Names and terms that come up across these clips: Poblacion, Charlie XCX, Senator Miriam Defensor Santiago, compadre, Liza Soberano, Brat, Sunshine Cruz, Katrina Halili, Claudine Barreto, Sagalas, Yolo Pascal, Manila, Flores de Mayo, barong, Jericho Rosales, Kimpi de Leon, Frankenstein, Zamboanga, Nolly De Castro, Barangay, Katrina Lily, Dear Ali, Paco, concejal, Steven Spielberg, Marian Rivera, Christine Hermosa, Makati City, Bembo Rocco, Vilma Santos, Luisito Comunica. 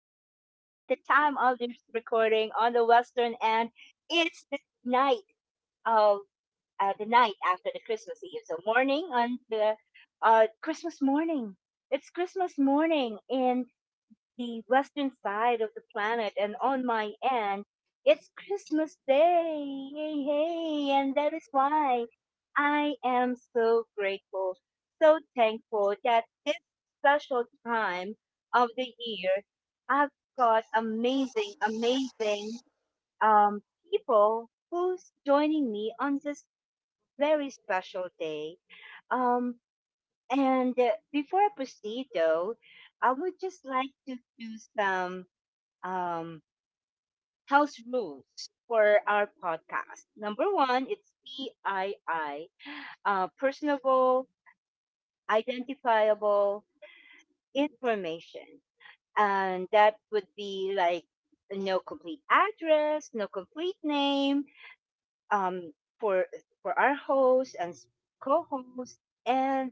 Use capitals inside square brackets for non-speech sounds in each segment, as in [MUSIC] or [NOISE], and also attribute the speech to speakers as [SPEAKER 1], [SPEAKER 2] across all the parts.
[SPEAKER 1] And at the time of this recording on the western end, it's the night of the night after the Christmas Eve, so morning on the Christmas morning. It's Christmas morning in the western side of the planet, and on my end, it's Christmas Day. Yay, hey, and that is why I am so grateful, so thankful that this special time of the year, I've got amazing, amazing um, people who's joining me on this very special day. Um, and Before I proceed, though, I would just like to do some um, house rules for our podcast. Number one, it's PII, personable, identifiable information. And that would be like no complete address, no complete name um, for for our host and co-host, and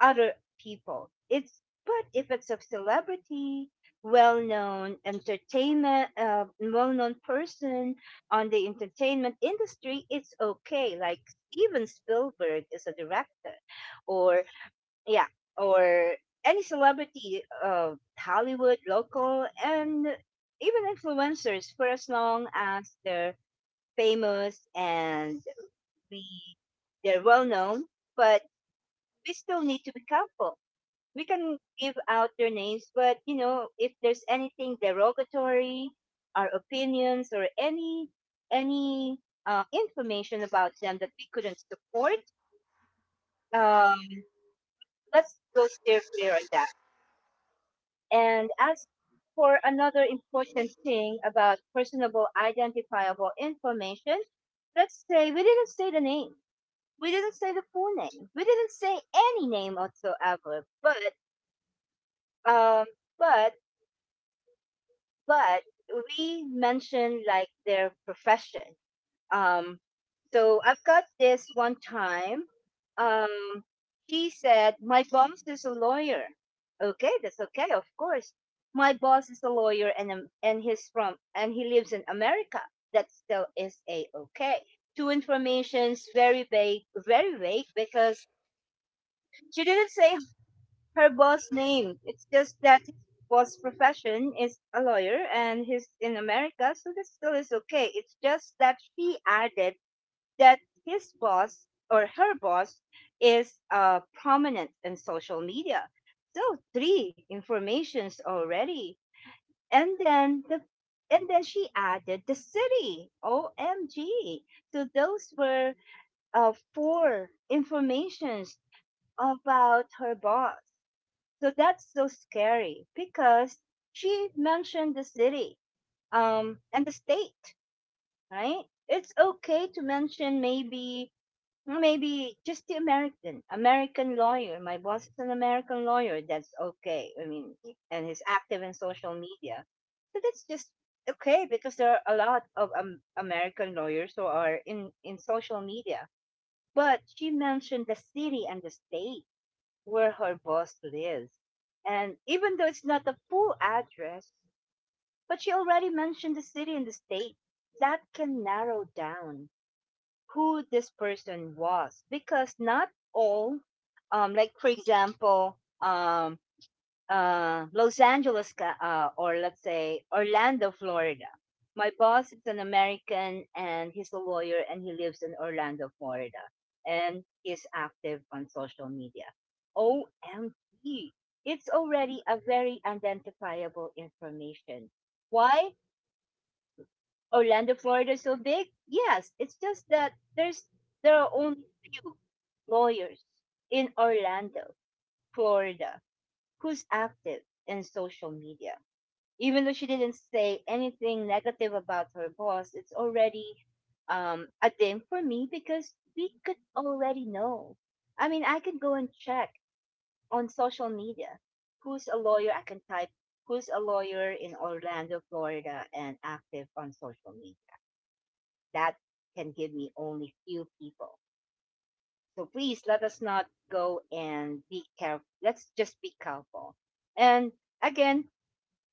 [SPEAKER 1] other people. It's but if it's a celebrity, well-known entertainment, well-known person on the entertainment industry, it's okay. Like Steven Spielberg is a director, or yeah, or any celebrity, Hollywood, local, and even influencers, for as long as they're famous and we they're well known, but we still need to be careful we can give out their names, but you know, if there's anything derogatory, our opinions or any information about them that we couldn't support, um, let's go steer clear on that. And as for another important thing about personable identifiable information, let's say we didn't say the name. We didn't say the full name. We didn't say any name whatsoever. Um, but but we mentioned like their profession. Um, so I've got this one time. Um, he said, "My boss is a lawyer." Okay, that's okay, of course. My boss is a lawyer, and he's from and he lives in America. That still is a okay. Two informations, very vague, because she didn't say her boss name. It's just that his boss profession is a lawyer and he's in America, so this still is okay. It's just that she added that his boss or her boss is prominent in social media. So three informations already. And then the and then she added the city. OMG. So those were four informations about her boss. So that's so scary because she mentioned the city and the state, right? It's okay to mention maybe maybe just the American American lawyer. My boss is an American lawyer. That's okay. I mean, and he's active in social media. So that's just okay because there are a lot of American lawyers who are in social media. But she mentioned the city and the state where her boss lives. And even though it's not the full address, but she already mentioned the city and the state, that can narrow down who this person was because not all, like for example, um, Los Angeles, or let's say Orlando, Florida. My boss is an American and he's a lawyer and he lives in Orlando, Florida. And he's active on social media. OMG. It's already a very identifiable information. Why Orlando, Florida is so big? Yes, it's just that there's there are only few lawyers in Orlando, Florida, who's active in social media. Even though she didn't say anything negative about her boss, it's already a thing for me because we could already know. I mean, I can go and check on social media who's a lawyer. I can type who's a lawyer in Orlando, Florida, and active on social media. That can give me only few people. So please let us not go and be careful. Let's just be careful. And again,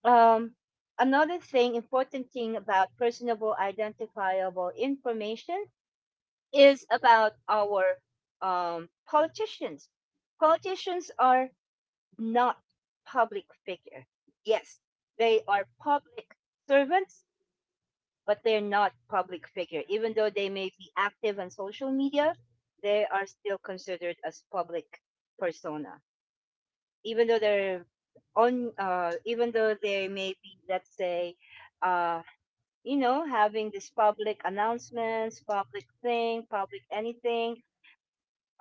[SPEAKER 1] um, another thing, important thing about personable identifiable information is about our politicians. Politicians are not public figure. Yes, they are public servants, but they're not public figure. Even though they may be active on social media, they are still considered as public persona. Even though they're even though they may be, let's say, uh, you know, having this public announcements, public thing, public anything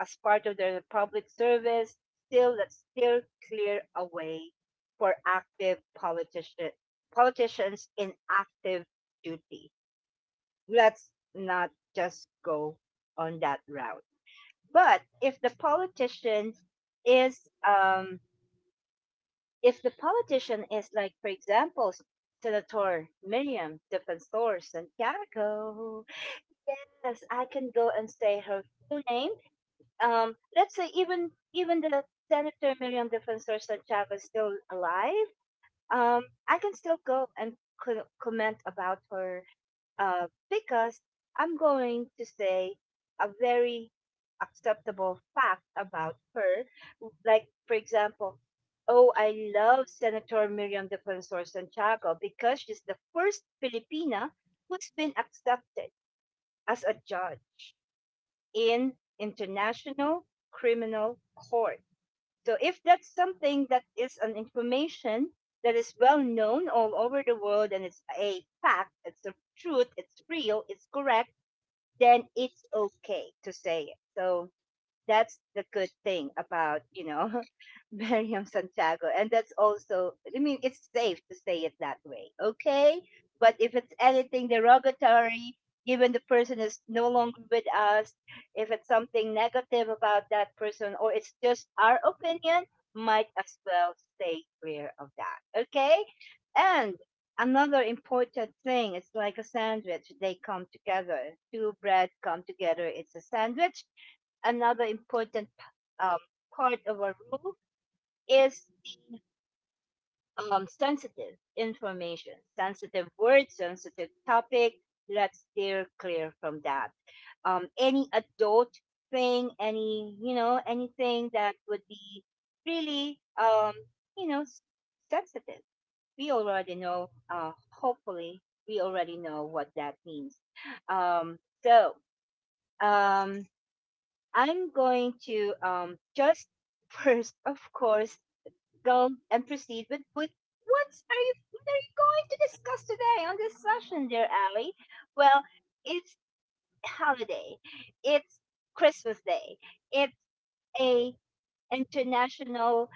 [SPEAKER 1] as part of their public service, still let's still clear a way for active politicians in active duty. Let's not just go on that route. But is um if the politician is like for example Senator Miriam Defensor Santiago. Yes, I can go and say her full name. Let's say even the Senator Miriam Defensor Santiago is still alive. I can still go and comment about her because I'm going to say a very acceptable fact about her. Like, for example, oh, I love Senator Miriam Defensor Santiago because she's the first Filipina who's been accepted as a judge in international criminal court. So if that's something that is an information that is well known all over the world and it's a fact, it's the truth, it's real, it's correct, then it's okay to say it. So that's the good thing about you know [LAUGHS] Miriam Santiago, and that's also I mean it's safe to say it that way, okay? But if it's anything derogatory, given the person is no longer with us, if it's something negative about that person, or it's just our opinion, might as well stay clear of that, okay? And another important thing, it's like a sandwich. They come together. Two bread come together. It's a sandwich another important um, part of our rule is the sensitive information, sensitive words, sensitive topic. Let's steer clear from that. Any adult thing, any you know, anything that would be really you know sensitive. We already know. Hopefully, we already know what that means. Um, so um, I'm going to just [LAUGHS] first, of course, go and proceed with what's are you what are you going to discuss today on this session, dear Ali? Well, it's holiday, it's Christmas Day, it's a international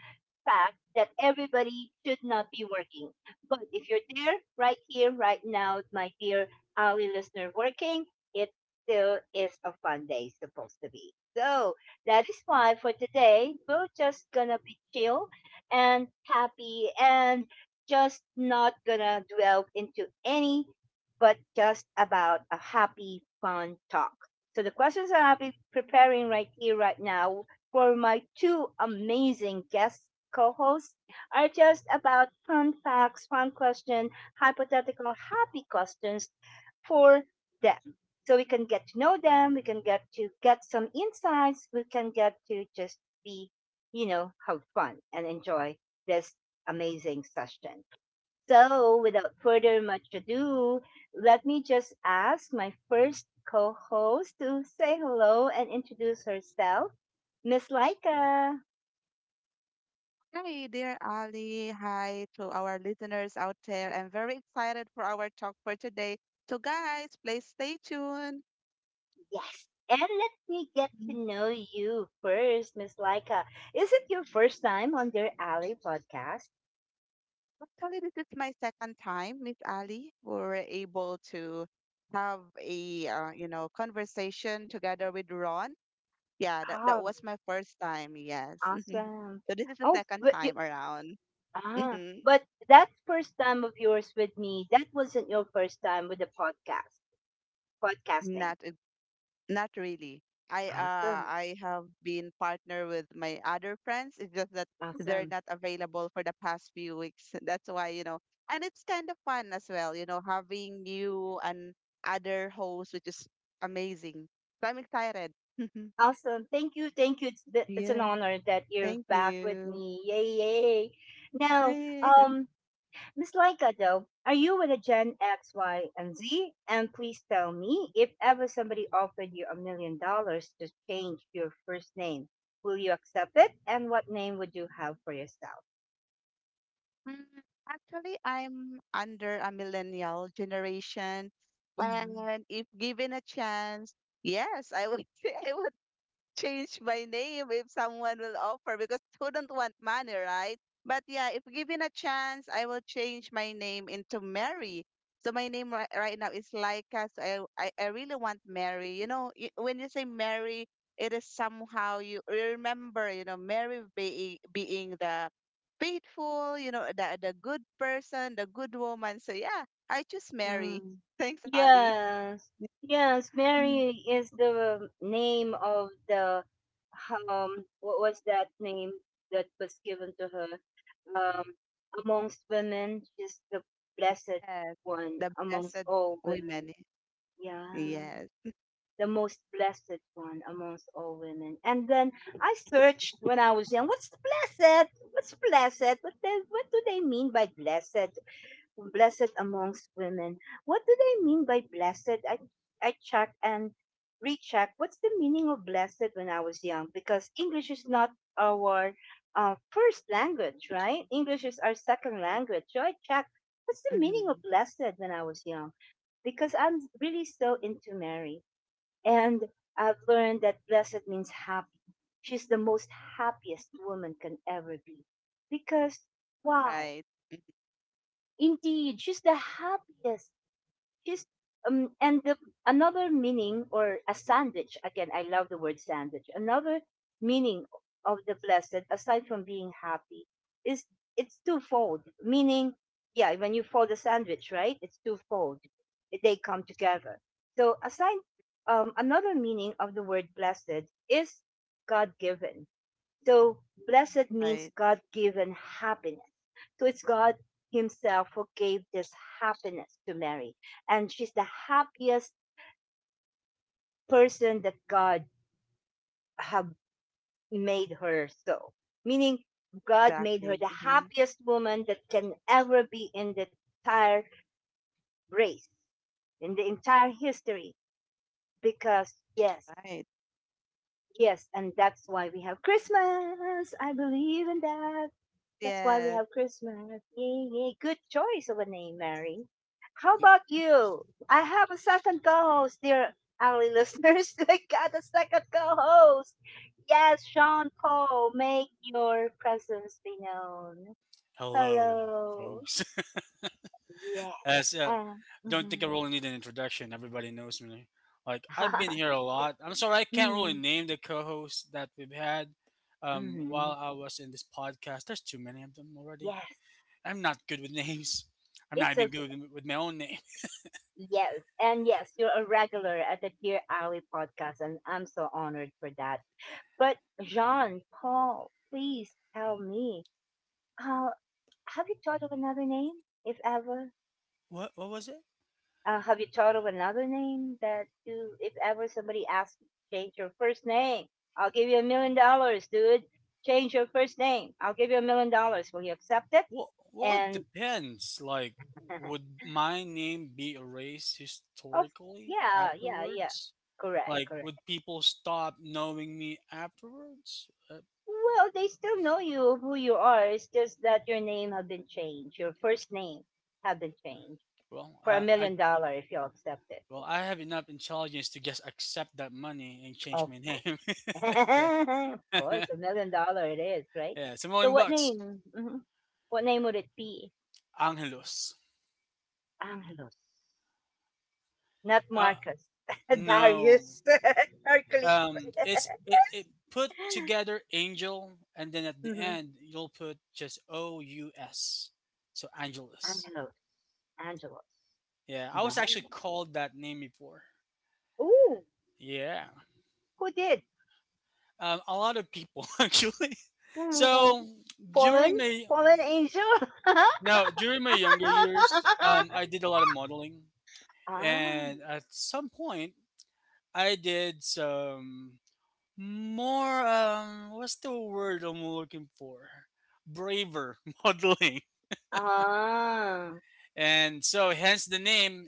[SPEAKER 1] fact that everybody should not be working. But if you're there, right here, right now, my dear Ali listener, working, it still is a fun day, supposed to be. So that is why for today, we're just gonna be chill and happy and just not gonna delve into any, but just about a happy, fun talk. So the questions that I'll be preparing right here, right now, for my two amazing guests co hosts are just about fun facts, fun question, hypothetical, happy questions for them. So we can get to know them, we can get to get some insights, we can get to just be, you know, have fun and enjoy this amazing session. So without further much ado, let me just ask my first co-host to say hello and introduce herself. Miss Laika.
[SPEAKER 2] Hi, dear Ali. Hi to our listeners out there. I'm very excited for our talk for today. So, guys, please stay tuned.
[SPEAKER 1] Yes. And let me get to
[SPEAKER 2] Mm,
[SPEAKER 1] know you first, Miss Laika. Is it your first time on their Alley podcast?
[SPEAKER 2] Actually, this is my second time, Miss Ali. We were able to have a conversation together with Ron. Yeah, that
[SPEAKER 1] Oh,
[SPEAKER 2] was my first time. Yes. [LAUGHS]
[SPEAKER 1] awesome.
[SPEAKER 2] So this is the
[SPEAKER 1] Oh,
[SPEAKER 2] second
[SPEAKER 1] but you,
[SPEAKER 2] time around.
[SPEAKER 1] ah,
[SPEAKER 2] hmm
[SPEAKER 1] but that first time of yours with me, that wasn't your first time with the podcast, podcasting.
[SPEAKER 2] Not Not really. I uh
[SPEAKER 1] Awesome.
[SPEAKER 2] I have been partner with my other friends. It's just that they're
[SPEAKER 1] Awesome.
[SPEAKER 2] not available for the past few weeks. [LAUGHS] That's why. And it's kind of fun as well, having you and other hosts, which is amazing. So I'm excited. [LAUGHS]
[SPEAKER 1] Awesome. Thank you. Thank you. It's, it's an
[SPEAKER 2] Yeah,
[SPEAKER 1] honor that you're
[SPEAKER 2] thank
[SPEAKER 1] back with
[SPEAKER 2] you.
[SPEAKER 1] me. Yay, yay. Now,
[SPEAKER 2] Yes. [LAUGHS]
[SPEAKER 1] um, Miss Laika, though, are you with a Gen X, Y, and Z? And please tell me if ever somebody offered you $1 million to change your first name, will you accept it? And what name would you have for yourself?
[SPEAKER 2] Mm, Actually, I'm under a millennial generation,
[SPEAKER 1] Mm.
[SPEAKER 2] and if given a chance, yes, I would [LAUGHS] say I would change my name if someone will offer because who don't want money, right? But yeah, if given a chance, I will change my name into Mary. So my name right now is Laika. So I really want Mary. You know, when you say Mary, it is somehow you remember, Mary being the faithful, the good person, the good woman. So yeah, I choose Mary.
[SPEAKER 1] Mm.
[SPEAKER 2] [LAUGHS] Thanks, Ali.
[SPEAKER 1] Yes, yes. Mary is the name of the What was that name that was given to her? Um, Amongst women, she's the blessed
[SPEAKER 2] Yes,
[SPEAKER 1] one
[SPEAKER 2] the
[SPEAKER 1] amongst
[SPEAKER 2] blessed
[SPEAKER 1] all women.
[SPEAKER 2] women.
[SPEAKER 1] Yeah,
[SPEAKER 2] Yes.
[SPEAKER 1] the most blessed one amongst all women. And then I searched when I was young, what's blessed? What's blessed? What they, what do they mean by blessed? Blessed amongst women. What do they mean by blessed? I checked and rechecked what's the meaning of blessed when I was young because English is not our first language, right? English is our second
[SPEAKER 2] Yes.
[SPEAKER 1] language. So I checked what's the meaning of
[SPEAKER 2] Mm-hmm.
[SPEAKER 1] blessed when I was young because I'm really so into Mary. And I've learned that blessed means happy. She's the most happiest woman can ever be. Because,
[SPEAKER 2] Right,
[SPEAKER 1] wow, indeed, she's the happiest. His and the another meaning or a sandwich again I love the word sandwich. Another meaning of the blessed aside from being happy is it's twofold. Meaning, yeah, when you fold a sandwich, right? It's twofold. They come together. So aside another meaning of the word blessed is God given so blessed
[SPEAKER 2] right,
[SPEAKER 1] means God given happiness. So it's God Himself who gave this happiness to Mary. And she's the happiest person that God have made her so. Meaning God made her
[SPEAKER 2] exactly.
[SPEAKER 1] the
[SPEAKER 2] Mm-hmm.
[SPEAKER 1] happiest woman that can ever be in the entire race, in the entire history. Because yes,
[SPEAKER 2] Right.
[SPEAKER 1] yes, and that's why we have Christmas. I believe in that. That's why we
[SPEAKER 2] Yes.
[SPEAKER 1] have Christmas. Yay, yay. Good choice of a name, Mary. How
[SPEAKER 3] Yep.
[SPEAKER 1] about you? I have a second co host, dear Ali listeners. [LAUGHS] I got a second co host. Yes, Sean Paul, make your presence be known.
[SPEAKER 3] Hello,
[SPEAKER 1] Hello.
[SPEAKER 3] folks. [LAUGHS]
[SPEAKER 1] Yeah.
[SPEAKER 3] As Don't think I
[SPEAKER 1] Mhm.
[SPEAKER 3] really need an introduction. Everybody knows me. Like I've been
[SPEAKER 1] [LAUGHS]
[SPEAKER 3] here a lot. I'm sorry I can't really
[SPEAKER 1] Mhm,
[SPEAKER 3] name the co-hosts that we've had. While
[SPEAKER 1] mhm.
[SPEAKER 3] I was in this podcast, there's too many of them already.
[SPEAKER 1] Yes,
[SPEAKER 3] I'm not good with names. I'm not
[SPEAKER 1] it's
[SPEAKER 3] even
[SPEAKER 1] okay.
[SPEAKER 3] good with my own name. [LAUGHS]
[SPEAKER 1] Yes, and yes, you're a regular at the Dear Ali podcast, and I'm so honored for that. But Jean Paul, please tell me, uh, have you thought of another name, if ever?
[SPEAKER 3] What was it?
[SPEAKER 1] Have you thought of another name that you, if ever somebody asks you to change your first name? I'll give you $1 million, dude. Change your first name. I'll give you $1 million. Will you accept it?
[SPEAKER 3] Well, it
[SPEAKER 1] And
[SPEAKER 3] depends. Like,
[SPEAKER 1] [LAUGHS] oh,
[SPEAKER 3] would my name be erased historically
[SPEAKER 1] yeah, yeah, yeah.
[SPEAKER 3] afterwards?
[SPEAKER 1] Correct,
[SPEAKER 3] Like,
[SPEAKER 1] correct.
[SPEAKER 3] would people stop knowing me afterwards?
[SPEAKER 1] Well, they still know you who you are. It's just that your name have been changed. Your first name have been changed
[SPEAKER 3] Well,
[SPEAKER 1] for a
[SPEAKER 3] uh, I
[SPEAKER 1] million dollar if you accept it.
[SPEAKER 3] well, I have enough intelligence to just accept that money and
[SPEAKER 1] Oh,
[SPEAKER 3] change
[SPEAKER 1] of
[SPEAKER 3] my
[SPEAKER 1] course.
[SPEAKER 3] name.
[SPEAKER 1] [LAUGHS]
[SPEAKER 3] [LAUGHS]
[SPEAKER 1] Of course, $1 million it is, right?
[SPEAKER 3] Yeah,
[SPEAKER 1] So
[SPEAKER 3] Samoan
[SPEAKER 1] what
[SPEAKER 3] bucks,
[SPEAKER 1] name? Mhm. What name would it be?
[SPEAKER 3] Angelos.
[SPEAKER 1] Angelos. Not
[SPEAKER 3] Uh,
[SPEAKER 1] Marcus. [LAUGHS]
[SPEAKER 3] no,
[SPEAKER 1] Darius. [LAUGHS] Hercules.
[SPEAKER 3] it's it put
[SPEAKER 1] [LAUGHS]
[SPEAKER 3] together angel, and then at the
[SPEAKER 1] Hmm.
[SPEAKER 3] end you'll put just OUS, so Angelus.
[SPEAKER 1] Angelos. Angelos.
[SPEAKER 3] Yeah, I was
[SPEAKER 1] None.
[SPEAKER 3] actually called that name before.
[SPEAKER 1] Ooh,
[SPEAKER 3] Yeah.
[SPEAKER 1] who did?
[SPEAKER 3] A lot of people [LAUGHS] actually.
[SPEAKER 1] Ooh.
[SPEAKER 3] So
[SPEAKER 1] Fallen?
[SPEAKER 3] during my
[SPEAKER 1] Fallen angel? [LAUGHS]
[SPEAKER 3] no during my younger years, I did a lot of modeling,
[SPEAKER 1] Ah.
[SPEAKER 3] and at some point, I did some more. What's the word I'm looking for? Braver [LAUGHS] modeling,
[SPEAKER 1] Ah.
[SPEAKER 3] and so hence the name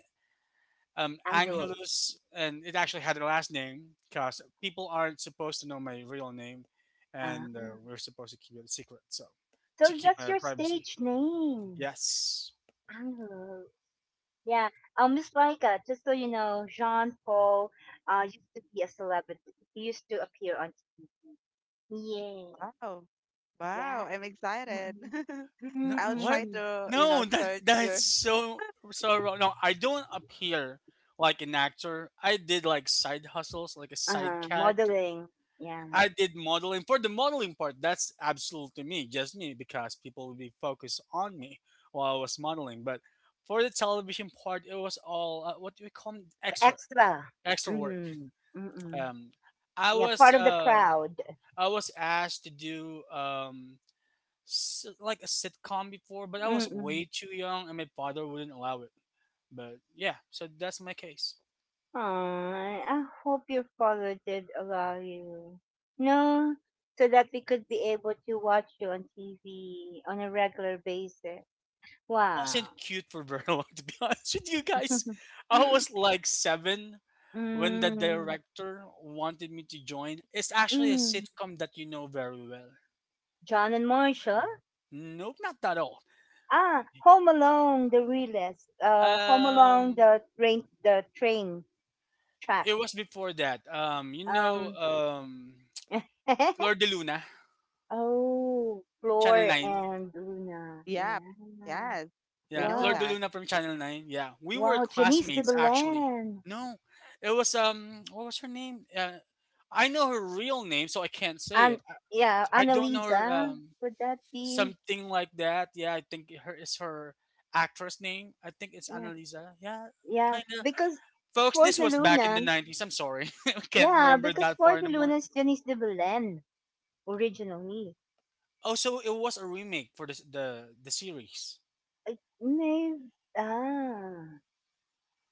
[SPEAKER 1] Angelos.
[SPEAKER 3] Angelus, and it actually had a last name because people aren't supposed to know my real name,
[SPEAKER 1] Ah.
[SPEAKER 3] and we're supposed to keep it a secret. So to
[SPEAKER 1] So
[SPEAKER 3] keep
[SPEAKER 1] that's
[SPEAKER 3] my
[SPEAKER 1] your
[SPEAKER 3] privacy.
[SPEAKER 1] stage name.
[SPEAKER 3] Yes.
[SPEAKER 1] Oh, yeah. Miss Laika, just so you know, Jean Paul used to be a celebrity. He used to appear on TV. Yeah,
[SPEAKER 2] Wow.
[SPEAKER 1] yeah.
[SPEAKER 2] Wow, I'm excited.
[SPEAKER 1] Mm-mm.
[SPEAKER 2] [LAUGHS]
[SPEAKER 3] No,
[SPEAKER 2] I'll
[SPEAKER 3] what?
[SPEAKER 2] try
[SPEAKER 1] Mm-mm.
[SPEAKER 2] to,
[SPEAKER 3] No, that
[SPEAKER 2] search
[SPEAKER 3] that's
[SPEAKER 2] your.
[SPEAKER 3] so so wrong. No, I don't appear like an actor. I did like side hustles, like a side
[SPEAKER 1] Uh-huh.
[SPEAKER 3] character.
[SPEAKER 1] Modeling. Yeah.
[SPEAKER 3] I did modeling for the modeling part. That's absolutely me, just me, because people would be focused on me while I was modeling. But for the television part, it was all what do we call 'em? extra,
[SPEAKER 1] Extra.
[SPEAKER 3] extra work.
[SPEAKER 1] Mm-hmm. Mm-mm.
[SPEAKER 3] Um, I
[SPEAKER 1] Yeah,
[SPEAKER 3] was
[SPEAKER 1] part of the
[SPEAKER 3] uh,
[SPEAKER 1] crowd.
[SPEAKER 3] I was asked to do like a sitcom before, but I was
[SPEAKER 1] Mm-mm.
[SPEAKER 3] way too young, and my father wouldn't allow it. But yeah, so that's my case.
[SPEAKER 1] Aw, I hope your father did allow you. No, so that we could be able to watch you on TV on a regular basis.
[SPEAKER 3] I
[SPEAKER 1] Wow.
[SPEAKER 3] wasn't cute for very long, [LAUGHS] to be honest with you guys.
[SPEAKER 1] [LAUGHS]
[SPEAKER 3] I was like seven when the
[SPEAKER 1] Mm,
[SPEAKER 3] director wanted me to join. It's actually a
[SPEAKER 1] mm.
[SPEAKER 3] sitcom that you know very well.
[SPEAKER 1] John and Marshall?
[SPEAKER 3] Nope, not that old.
[SPEAKER 1] Ah, Home Alone, the realist. Home Alone,
[SPEAKER 3] Um,
[SPEAKER 1] the train track.
[SPEAKER 3] it was before that.
[SPEAKER 1] Um. [LAUGHS]
[SPEAKER 3] Flor de Luna,
[SPEAKER 1] Oh,
[SPEAKER 3] Channel
[SPEAKER 1] Floor
[SPEAKER 3] Nine.
[SPEAKER 1] and Luna.
[SPEAKER 2] Yep.
[SPEAKER 1] Yeah.
[SPEAKER 2] Yes.
[SPEAKER 3] Yeah,
[SPEAKER 2] We know
[SPEAKER 3] Flor
[SPEAKER 1] Wow.
[SPEAKER 3] de
[SPEAKER 2] that.
[SPEAKER 3] Luna from Channel Nine. Yeah, we were
[SPEAKER 1] Wow, Janice de
[SPEAKER 3] classmates actually.
[SPEAKER 1] Belen.
[SPEAKER 3] No, it was what was her name? I know her real name, so I can't say
[SPEAKER 1] And
[SPEAKER 3] it.
[SPEAKER 1] yeah,
[SPEAKER 3] I don't know her.
[SPEAKER 1] Annalisa. Would that be
[SPEAKER 3] Something like that. Yeah, I think her is her actress name. I think it's
[SPEAKER 1] yeah.
[SPEAKER 3] Annalisa. Yeah,
[SPEAKER 1] Yeah.
[SPEAKER 3] kind of.
[SPEAKER 1] Because
[SPEAKER 3] Folks,
[SPEAKER 1] for
[SPEAKER 3] this
[SPEAKER 1] the
[SPEAKER 3] was back in
[SPEAKER 1] Luna
[SPEAKER 3] the 90s. I'm sorry, [LAUGHS] I can't
[SPEAKER 1] yeah,
[SPEAKER 3] remember
[SPEAKER 1] because
[SPEAKER 3] that
[SPEAKER 1] for
[SPEAKER 3] far
[SPEAKER 1] the
[SPEAKER 3] anymore.
[SPEAKER 1] Luna is Janice de Belen originally.
[SPEAKER 3] Also, it was a remake for this, the series.
[SPEAKER 1] I may ah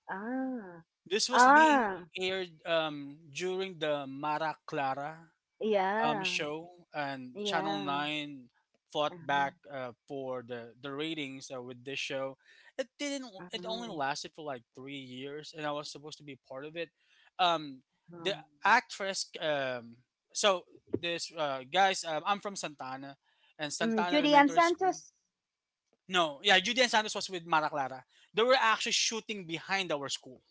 [SPEAKER 1] ah
[SPEAKER 3] This was being
[SPEAKER 1] ah
[SPEAKER 3] aired during the Mara Clara
[SPEAKER 1] Yeah,
[SPEAKER 3] show, and Channel
[SPEAKER 1] yeah,
[SPEAKER 3] Nine fought
[SPEAKER 1] uh-huh,
[SPEAKER 3] back for the ratings with this show. It didn't. It only
[SPEAKER 1] uh-huh,
[SPEAKER 3] lasted for like 3 years, and I was supposed to be part of it. Um,
[SPEAKER 1] uh-huh.
[SPEAKER 3] the actress. So this guys, I'm from Santana, and
[SPEAKER 1] Mm,
[SPEAKER 3] Santana
[SPEAKER 1] Julian
[SPEAKER 3] Elementary School.
[SPEAKER 1] Santos.
[SPEAKER 3] No, yeah, Judy and Santos was with Mara Clara. They were actually shooting behind our school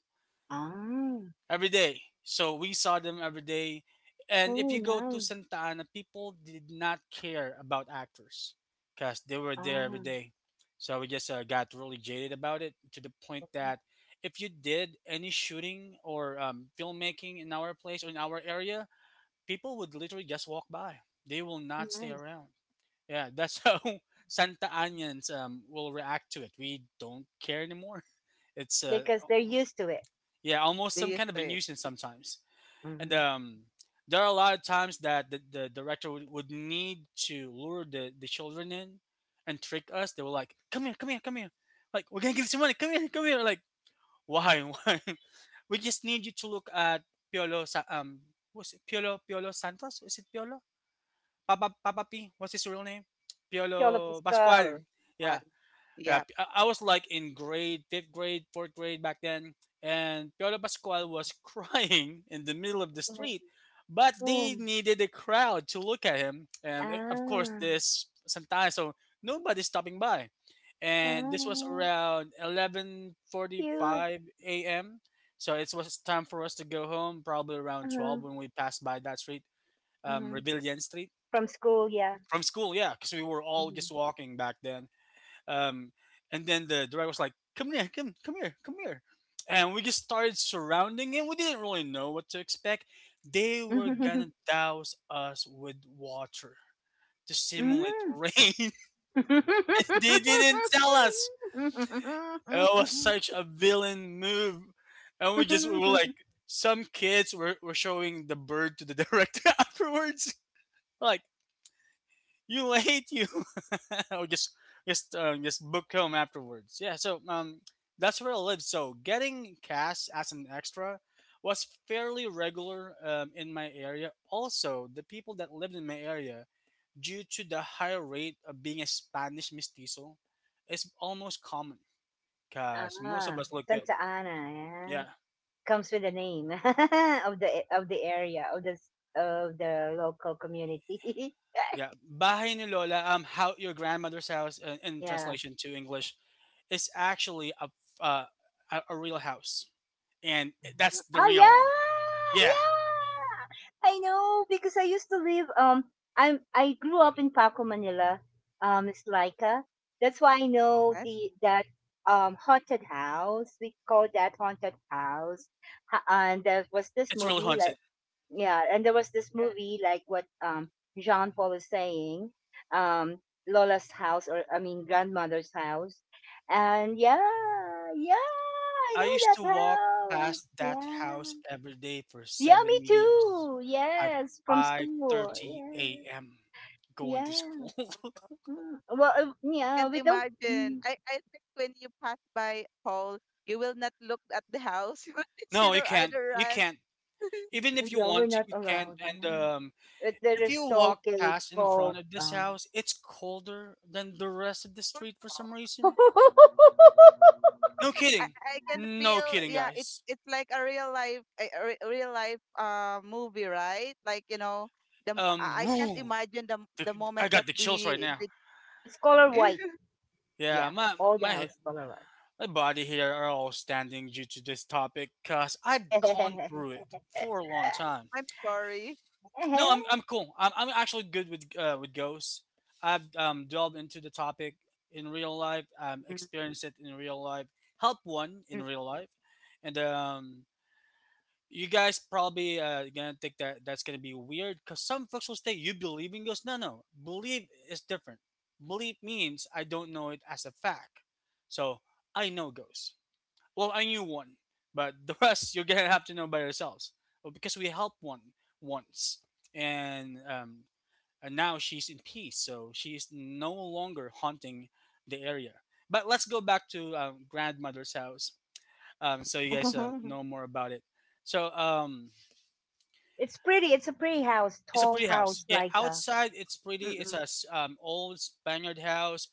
[SPEAKER 1] Ah.
[SPEAKER 3] every day. So we saw them every day. And if
[SPEAKER 1] Oh,
[SPEAKER 3] you go to
[SPEAKER 1] nice.
[SPEAKER 3] Santa Ana, people did not care about actors because they were there every
[SPEAKER 1] Ah.
[SPEAKER 3] day. So we just got really jaded about it, to the point that if you did any shooting or filmmaking in our place or in our area, people would literally just walk by. They will not stay
[SPEAKER 1] Nice,
[SPEAKER 3] around. Yeah, that's how [LAUGHS] Santa Anians will react to it. We don't care anymore. It's
[SPEAKER 1] because they're used to it.
[SPEAKER 3] yeah, almost
[SPEAKER 2] They
[SPEAKER 3] some
[SPEAKER 2] used
[SPEAKER 3] kind of a
[SPEAKER 2] to it.
[SPEAKER 3] nuisance sometimes, and
[SPEAKER 1] Mm-hmm.
[SPEAKER 3] there are a lot of times that the director would need to lure the children in and trick us. They were like, "Come here, come here, come here, like we're gonna give you some money, come here, come here." Like, why [LAUGHS] why, we just need you to look at Piolo what's it, Piolo, Santos? Is it Piolo, papa, papa p what's his real name?
[SPEAKER 1] Yolo
[SPEAKER 3] Piolo
[SPEAKER 1] Pascal.
[SPEAKER 3] Pascual.
[SPEAKER 2] Fun.
[SPEAKER 3] Yeah, yeah,
[SPEAKER 2] Yep.
[SPEAKER 3] I was like in grade, fifth grade, fourth grade back then, and Piolo Pascual was [LAUGHS] crying in the middle of the
[SPEAKER 1] Mhm.
[SPEAKER 3] street, but they
[SPEAKER 1] Oh.
[SPEAKER 3] needed a crowd to look at him, and of course
[SPEAKER 1] Ah.
[SPEAKER 3] this sometimes, so nobody's stopping by, and this was
[SPEAKER 1] Ah.
[SPEAKER 3] around eleven
[SPEAKER 1] Cute.
[SPEAKER 3] forty-five a.m. So it was time for us to go home, probably around
[SPEAKER 1] Uh-huh.
[SPEAKER 3] 12 when we passed by that street,
[SPEAKER 1] Uh-huh.
[SPEAKER 3] Rebellion Street
[SPEAKER 1] From school, yeah.
[SPEAKER 3] from school. Yeah, because we were all
[SPEAKER 1] Mhm.
[SPEAKER 3] just walking back then, um, and then the director was like, come here," and we just started surrounding him. We didn't really know what to expect. They were gonna
[SPEAKER 1] [LAUGHS]
[SPEAKER 3] douse us with water to simulate
[SPEAKER 1] Mm.
[SPEAKER 3] rain. [LAUGHS] And they didn't tell us. It was such a
[SPEAKER 1] [LAUGHS]
[SPEAKER 3] villain move, and we just we were like, some kids were showing the bird to the [LAUGHS] director afterwards. Like, you late you [LAUGHS] or just book home afterwards. Yeah, so that's where I live. So getting cast as an extra was fairly regular in my area. Also, the people that lived in my area, due to the higher rate of being a Spanish mestizo, is almost common because most of
[SPEAKER 1] Ah,
[SPEAKER 3] us look good.
[SPEAKER 1] Santa Ana, yeah.
[SPEAKER 3] Yeah,
[SPEAKER 1] Comes with the name [LAUGHS] of the area of the local community.
[SPEAKER 3] yeah, bahay ni lola, how, your grandmother's house, in,
[SPEAKER 1] [LAUGHS]
[SPEAKER 3] in
[SPEAKER 1] Yeah.
[SPEAKER 3] translation to English, is actually uh, a real house, and that's the
[SPEAKER 1] Oh,
[SPEAKER 3] real,
[SPEAKER 1] yeah,
[SPEAKER 3] yeah,
[SPEAKER 1] yeah. I know because I used to live. I grew up in Paco, Manila. It's Laika. That's why I know
[SPEAKER 2] Right?
[SPEAKER 1] the that haunted house. We call that haunted house. And there was this
[SPEAKER 3] it's really
[SPEAKER 1] movie
[SPEAKER 3] haunted.
[SPEAKER 1] like, yeah, and there was this
[SPEAKER 2] Yeah.
[SPEAKER 1] movie like what Jean Paul is saying, um Lola's house, or I mean grandmother's house, and yeah, yeah, I
[SPEAKER 3] I
[SPEAKER 1] know
[SPEAKER 3] used
[SPEAKER 1] that
[SPEAKER 3] to walk
[SPEAKER 1] house.
[SPEAKER 3] past that
[SPEAKER 1] Yeah,
[SPEAKER 3] house every day for
[SPEAKER 1] yeah, me
[SPEAKER 3] 7 years
[SPEAKER 1] too.
[SPEAKER 3] at
[SPEAKER 1] Yes, from school.
[SPEAKER 3] 5:30
[SPEAKER 1] Yeah,
[SPEAKER 3] a.m. going to
[SPEAKER 1] yeah.
[SPEAKER 3] school.
[SPEAKER 2] Oh,
[SPEAKER 3] [LAUGHS]
[SPEAKER 2] no.
[SPEAKER 1] Mm. Well, yeah,
[SPEAKER 2] Can't
[SPEAKER 1] we don't.
[SPEAKER 2] imagine.
[SPEAKER 1] Mm,
[SPEAKER 2] I think when you pass by Paul, you will not look at the house. [LAUGHS] You will
[SPEAKER 3] No, you
[SPEAKER 2] consider
[SPEAKER 3] can't,
[SPEAKER 2] either
[SPEAKER 3] you
[SPEAKER 2] run.
[SPEAKER 3] can't, even if you
[SPEAKER 1] yeah, we're
[SPEAKER 3] want to,
[SPEAKER 1] not
[SPEAKER 3] you can't.
[SPEAKER 1] allowed.
[SPEAKER 3] And
[SPEAKER 1] Yeah, but there
[SPEAKER 3] if
[SPEAKER 1] is
[SPEAKER 3] you
[SPEAKER 1] no
[SPEAKER 3] walk
[SPEAKER 1] cake
[SPEAKER 3] past in
[SPEAKER 1] called
[SPEAKER 3] front of this house, it's colder than the rest of the
[SPEAKER 2] Oh,
[SPEAKER 3] street for some
[SPEAKER 2] no.
[SPEAKER 3] reason.
[SPEAKER 1] [LAUGHS]
[SPEAKER 3] No
[SPEAKER 2] I,
[SPEAKER 3] kidding.
[SPEAKER 2] I can
[SPEAKER 3] No
[SPEAKER 2] feel,
[SPEAKER 3] kidding,
[SPEAKER 2] yeah, it
[SPEAKER 3] guys.
[SPEAKER 2] it's like a real life movie, right, I can't
[SPEAKER 3] Whew,
[SPEAKER 2] imagine the
[SPEAKER 3] the,
[SPEAKER 2] the moment
[SPEAKER 3] I
[SPEAKER 2] that
[SPEAKER 3] got the chills right
[SPEAKER 2] the,
[SPEAKER 3] now.
[SPEAKER 2] the
[SPEAKER 1] let's call her [LAUGHS] white.
[SPEAKER 2] [LAUGHS]
[SPEAKER 3] Yeah,
[SPEAKER 1] Yeah,
[SPEAKER 3] my
[SPEAKER 1] all the
[SPEAKER 3] my
[SPEAKER 1] house Polaroid.
[SPEAKER 3] My body here are all standing due to this topic because I've gone through
[SPEAKER 1] [LAUGHS]
[SPEAKER 3] it for a long time.
[SPEAKER 2] I'm sorry.
[SPEAKER 3] No, I'm cool. I'm actually good with ghosts. I've delved into the topic in real life,
[SPEAKER 2] Mm,
[SPEAKER 3] experienced it in real life, helped one
[SPEAKER 2] mm,
[SPEAKER 3] in real life, and you guys probably gonna think that that's gonna be weird, because some folks will say you believe in ghosts. No, no, believe is different. Believe means I don't know it as a fact, so I know ghosts. Well, I knew one, but the rest you're gonna have to know by yourselves. Well, because we helped one once, and um, and now she's in peace, so she is no longer haunting the area. But let's go back to grandmother's house, so you guys know more about it. So
[SPEAKER 1] It's pretty. It's a pretty house,
[SPEAKER 3] it's a
[SPEAKER 1] tall
[SPEAKER 3] pretty house.
[SPEAKER 1] house,
[SPEAKER 3] Yeah,
[SPEAKER 1] like a.
[SPEAKER 3] outside it's pretty. It's
[SPEAKER 1] Mm-mm,
[SPEAKER 3] a old Spaniard house.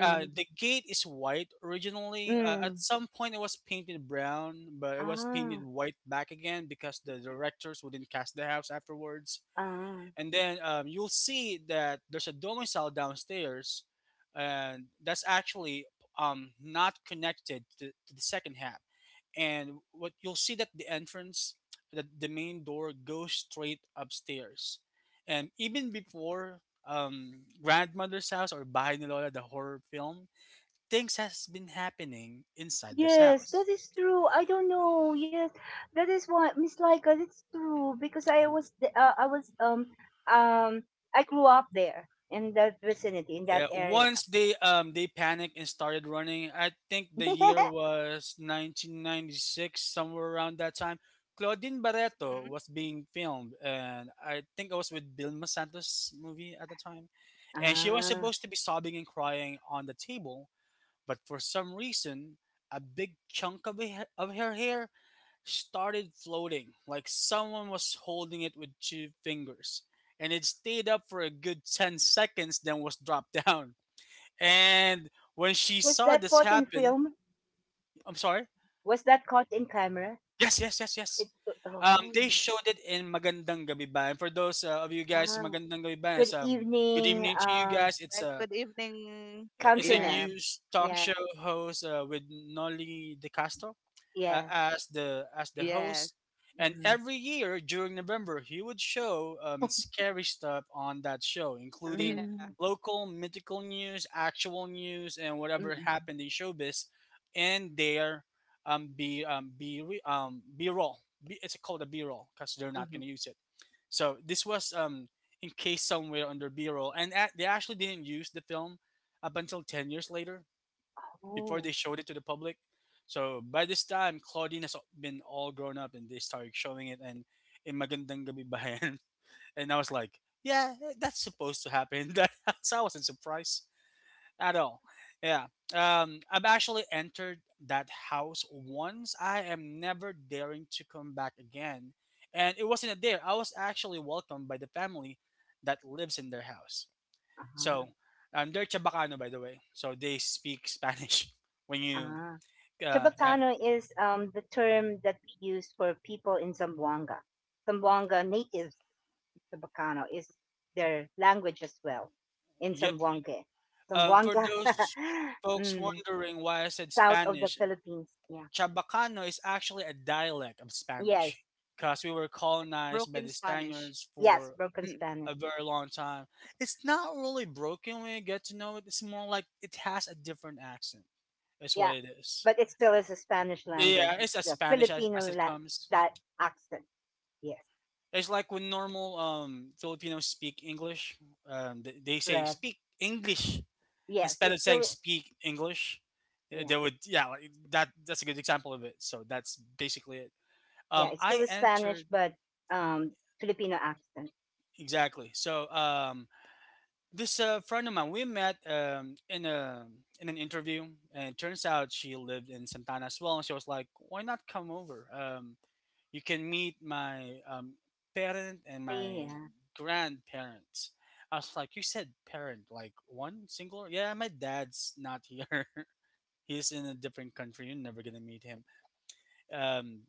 [SPEAKER 3] The gate is white originally. At
[SPEAKER 1] mm.
[SPEAKER 3] some point, it was painted brown, but it was painted
[SPEAKER 1] Ah,
[SPEAKER 3] white back again because the directors wouldn't cast the house afterwards.
[SPEAKER 1] ah.
[SPEAKER 3] And then you'll see that there's a domicile downstairs, and that's actually not connected to the second half. And what you'll see, that the entrance, the main door, goes straight upstairs. And even before Grandmother's House or Bahay ni Lola, the horror film, things has been happening inside this
[SPEAKER 1] Yes, that
[SPEAKER 3] house.
[SPEAKER 1] is true. I don't know. Yes, that is why Miss Laika. It's true because I was th- I was um I grew up there in that vicinity in that
[SPEAKER 3] Yeah,
[SPEAKER 1] area.
[SPEAKER 3] once they they panicked and started running. I think the year
[SPEAKER 1] [LAUGHS]
[SPEAKER 3] was 1996, somewhere around that time. Claudine Barreto
[SPEAKER 2] mm.
[SPEAKER 3] was being filmed, and I think I was with Vilma Santos movie at the time, and she was
[SPEAKER 1] Ah,
[SPEAKER 3] supposed to be sobbing and crying on the table, but for some reason, a big chunk of her hair started floating like someone was holding it with two fingers, and it stayed up for a good 10 seconds, then was dropped [LAUGHS] down. And when she
[SPEAKER 1] was
[SPEAKER 3] saw
[SPEAKER 1] that
[SPEAKER 3] this
[SPEAKER 1] caught in
[SPEAKER 3] happen,
[SPEAKER 1] film?
[SPEAKER 3] I'm sorry.
[SPEAKER 1] Was that caught in camera?
[SPEAKER 3] Yes, yes, yes, yes.
[SPEAKER 1] It, oh.
[SPEAKER 3] They showed it in Magandang Gabi Ba. For those of you guys,
[SPEAKER 1] Ah,
[SPEAKER 3] Magandang Gabi Ba is
[SPEAKER 1] good
[SPEAKER 3] good
[SPEAKER 1] evening,
[SPEAKER 3] evening to you guys. It's
[SPEAKER 2] Like
[SPEAKER 3] a—
[SPEAKER 2] good evening.
[SPEAKER 3] Yeah, it's a
[SPEAKER 2] Yeah.
[SPEAKER 1] countrymen.
[SPEAKER 3] news talk
[SPEAKER 1] Yeah,
[SPEAKER 3] show host with Nolly De Castro
[SPEAKER 1] yeah.
[SPEAKER 3] as the
[SPEAKER 2] Yes.
[SPEAKER 3] host. And
[SPEAKER 1] Mm-hmm.
[SPEAKER 3] every year during November, he would show scary stuff on that show, including
[SPEAKER 1] Mm-hmm.
[SPEAKER 2] Yeah.
[SPEAKER 3] local mythical news, actual news, and whatever
[SPEAKER 1] Mm-hmm.
[SPEAKER 3] happened in showbiz, and their B roll. B, it's called a B roll because they're not
[SPEAKER 1] hmm
[SPEAKER 3] going to use it. So this was encased somewhere under B roll, and they actually didn't use the film up until 10 years later before they
[SPEAKER 1] Oh,
[SPEAKER 3] showed it to the public. So by this time, Claudine has been all grown up and they started showing it and in Magandang Gabi Bayan. [LAUGHS] And I was like, yeah, eh, that's supposed to happen. [LAUGHS] That— so I wasn't surprised at all. Yeah. I've actually entered that house once. I am never daring to come back again. And it wasn't a dare. I was actually welcomed by the family that lives in their house.
[SPEAKER 1] uh-huh.
[SPEAKER 3] So, they're Chabacano, by the way. So they speak Spanish [LAUGHS] when you.
[SPEAKER 1] uh
[SPEAKER 3] Um, uh,
[SPEAKER 1] Chabacano is the term that we use for people in Zamboanga. Zamboanga natives, Chabacano is their language as well in
[SPEAKER 3] yep.
[SPEAKER 1] Zamboanga.
[SPEAKER 3] For
[SPEAKER 1] Zamboanga,
[SPEAKER 3] those
[SPEAKER 1] [LAUGHS]
[SPEAKER 3] folks
[SPEAKER 1] mm,
[SPEAKER 3] wondering why I said
[SPEAKER 1] south of the
[SPEAKER 3] Spanish,
[SPEAKER 1] Philippines. Yeah.
[SPEAKER 3] Chabacano is actually a dialect of
[SPEAKER 1] Yes,
[SPEAKER 3] Spanish because we were colonized by
[SPEAKER 2] Broken
[SPEAKER 3] the
[SPEAKER 2] Spanish.
[SPEAKER 3] Spaniards
[SPEAKER 1] yes,
[SPEAKER 3] for
[SPEAKER 1] broken
[SPEAKER 2] Mm.
[SPEAKER 1] Spanish.
[SPEAKER 3] a very long time. It's not really broken when you get to know it. It's more like it has a different accent. Is what
[SPEAKER 1] Yeah,
[SPEAKER 3] it is.
[SPEAKER 1] but it still is a Spanish language.
[SPEAKER 3] Yeah, it's
[SPEAKER 1] It's
[SPEAKER 3] as
[SPEAKER 1] the
[SPEAKER 3] Spanish as,
[SPEAKER 1] Filipino
[SPEAKER 3] as it comes.
[SPEAKER 1] that accent. Yes,
[SPEAKER 3] It's like when normal Filipinos speak English, they say
[SPEAKER 1] correct.
[SPEAKER 3] speak English
[SPEAKER 1] Yes,
[SPEAKER 3] instead
[SPEAKER 1] it's
[SPEAKER 3] of saying
[SPEAKER 1] still
[SPEAKER 3] speak English.
[SPEAKER 1] yeah,
[SPEAKER 3] They would, yeah, like that's a good example of it. So that's basically it.
[SPEAKER 1] yeah. It's
[SPEAKER 3] I
[SPEAKER 1] still a Spanish,
[SPEAKER 3] entered
[SPEAKER 1] but um, Filipino accent.
[SPEAKER 3] Exactly. So this friend of mine, we met in a in an interview, and it turns out she lived in Santana as well. And she was like, "Why not come over? You can meet my parent and
[SPEAKER 1] Family.
[SPEAKER 3] my
[SPEAKER 1] Yeah.
[SPEAKER 3] grandparents." I was like, "You said parent, like one singular? Yeah, my dad's not here. [LAUGHS] He's in a different country. You're never gonna meet him." Um,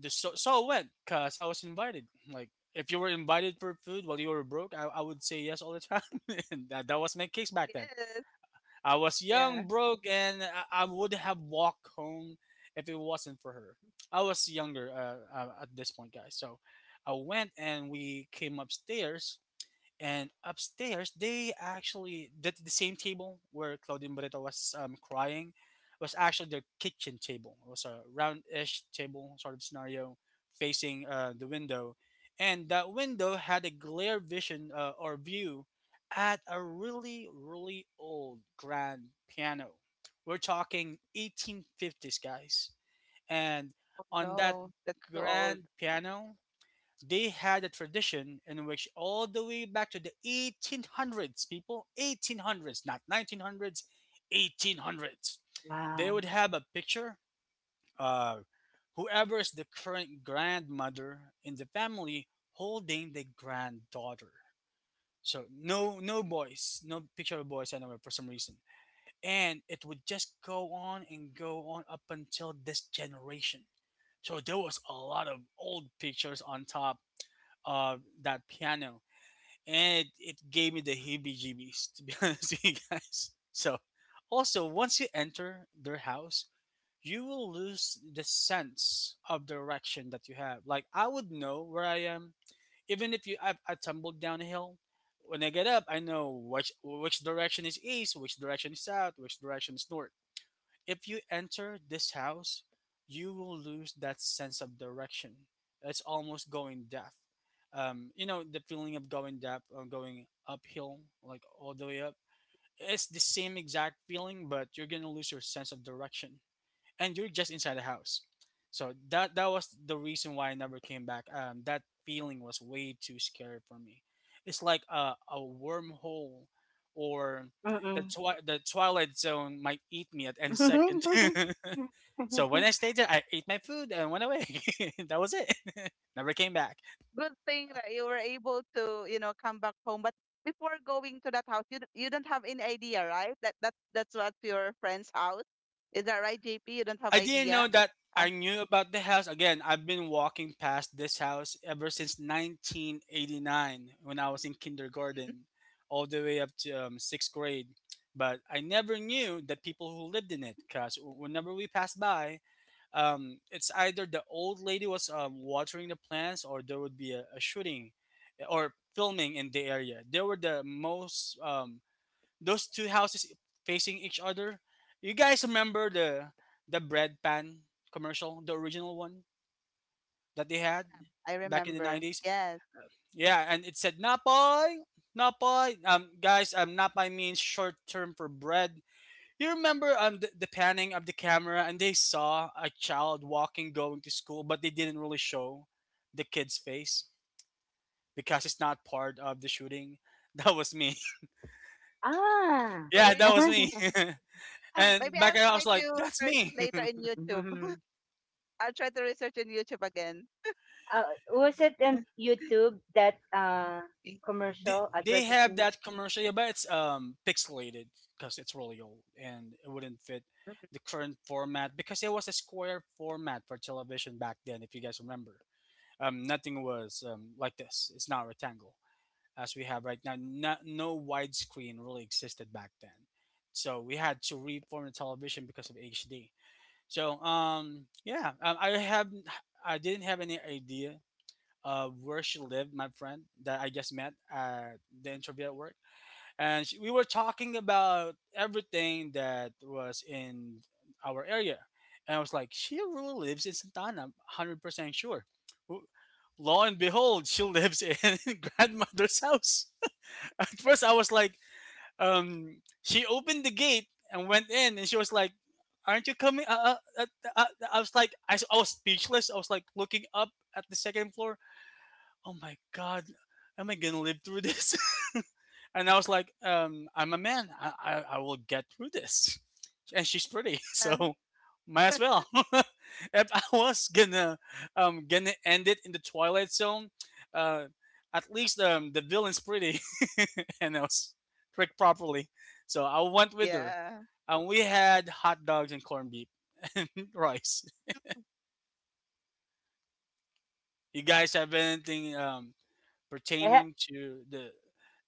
[SPEAKER 3] just so So I went because I was invited. Like if you were invited for food while you were broke, I would say yes all the time. [LAUGHS] And that was my case back then.
[SPEAKER 2] Yes.
[SPEAKER 3] I was
[SPEAKER 2] Yeah.
[SPEAKER 3] young, broke, and I would have walked home if it wasn't for her. I was younger at this point, guys. So I went and we came upstairs and upstairs, they actually the same table where Claudine Barreto was crying was actually their kitchen table. It was a roundish table sort of scenario facing the window, and that window had a glare vision or view at a really really old grand piano. We're talking 1850s, guys, and
[SPEAKER 2] Oh,
[SPEAKER 3] on that
[SPEAKER 2] no, that's too old.
[SPEAKER 3] grand piano they had a tradition in which, all the way back to the 1800s, people, 1800s, not 1900s, 1800s, they would
[SPEAKER 1] Wow.
[SPEAKER 3] have a picture of whoever is the current grandmother in the family holding the granddaughter. So no no boys, no picture of boys anywhere for some reason. And it would just go on and go on up until this generation. So there was a lot of old pictures on top of that piano, and it gave me the heebie-jeebies to be [LAUGHS] honest with you guys. So, also once you enter their house, you will lose the sense of direction that you have. Like I would know where I am, even if you I tumbled down a hill. When I get up, I know which direction is east, which direction is south, which direction is north. If you enter this house, you will lose that sense of direction. It's almost going deaf. You know, the feeling of going deaf or going uphill, like all the way up. It's the same exact feeling, but you're going to lose your sense of direction and you're just inside the house. So that was the reason why I never came back. That feeling was way too scary for me. It's like a wormhole, or
[SPEAKER 1] Mm-mm.
[SPEAKER 3] the the Twilight Zone might eat me at any second.
[SPEAKER 1] [LAUGHS]
[SPEAKER 3] [LAUGHS] So when I stayed there, I ate my food and went away. [LAUGHS] That was it. [LAUGHS] Never came back.
[SPEAKER 2] Good thing that you were able to, come back home. But before going to that house, you don't have any idea, right? That's what your friend's house. Is that right, JP? You don't have
[SPEAKER 3] I didn't
[SPEAKER 2] idea.
[SPEAKER 3] know that
[SPEAKER 2] Uh,
[SPEAKER 3] I knew about the house. Again, I've been walking past this house ever since 1989 when I was in
[SPEAKER 2] mhm.
[SPEAKER 3] kindergarten, all the way up to sixth grade. But I never knew the people who lived in it because whenever we passed by, it's either the old lady was watering the plants or there would be a shooting or filming in the area. They were the most those two houses facing each other. You guys remember the bread pan commercial, the original one that they had
[SPEAKER 2] I
[SPEAKER 3] back in the
[SPEAKER 2] remember.
[SPEAKER 3] nineties?
[SPEAKER 2] Yes.
[SPEAKER 3] Yeah, and it said Napay, Napay. Guys, Napay means short term for bread. You remember the panning of the camera, and they saw a child walking going to school, but they didn't really show the kid's face because it's not part of the shooting. [LAUGHS] That was me. [LAUGHS]
[SPEAKER 1] Ah.
[SPEAKER 2] Oh,
[SPEAKER 3] Yeah,
[SPEAKER 2] really?
[SPEAKER 3] that was me.
[SPEAKER 1] [LAUGHS]
[SPEAKER 3] [LAUGHS]
[SPEAKER 2] Ah, maybe
[SPEAKER 3] And back
[SPEAKER 2] I'll
[SPEAKER 3] then I
[SPEAKER 2] try
[SPEAKER 3] was
[SPEAKER 2] to
[SPEAKER 3] like, that's
[SPEAKER 2] search it
[SPEAKER 3] me.
[SPEAKER 2] later
[SPEAKER 3] [LAUGHS]
[SPEAKER 2] in YouTube. [LAUGHS]
[SPEAKER 1] Mhm.
[SPEAKER 2] I'll try to research in YouTube again.
[SPEAKER 1] uh, was it on YouTube that
[SPEAKER 3] they,
[SPEAKER 1] commercial
[SPEAKER 3] they have
[SPEAKER 1] advertisement?
[SPEAKER 3] that commercial, yeah, but it's pixelated because it's really old and it wouldn't fit the current format because it was a square format for television back then. If you guys remember, nothing was like this. It's not rectangle as we have right now. No, no widescreen really existed back then, so we had to reform the television because of HD. So I didn't have any idea where she lived, my friend that I just met at the interview at work, and we were talking about everything that was in our area, and I was like, she really lives in Santana, 100% sure. W- Lo and behold, she lives in [LAUGHS] grandmother's house. At first, I was like, she opened the gate and went in, and she was like, "Aren't you coming? Uh, I was like, I was speechless. I was like looking up at the second floor. Oh my god, am I gonna live through this? [LAUGHS] And I was like, I'm a man, I will get through this. And she's pretty. [LAUGHS]
[SPEAKER 2] Uh,
[SPEAKER 3] So might as well. [LAUGHS] If I was gonna end it in the Twilight Zone, uh at least the villain's pretty. [LAUGHS] And I was tricked properly, so I went with her.
[SPEAKER 2] yeah.
[SPEAKER 3] And we had hot dogs and corned beef [LAUGHS] rice. You guys have anything
[SPEAKER 1] [LAUGHS] Thank
[SPEAKER 3] pertaining to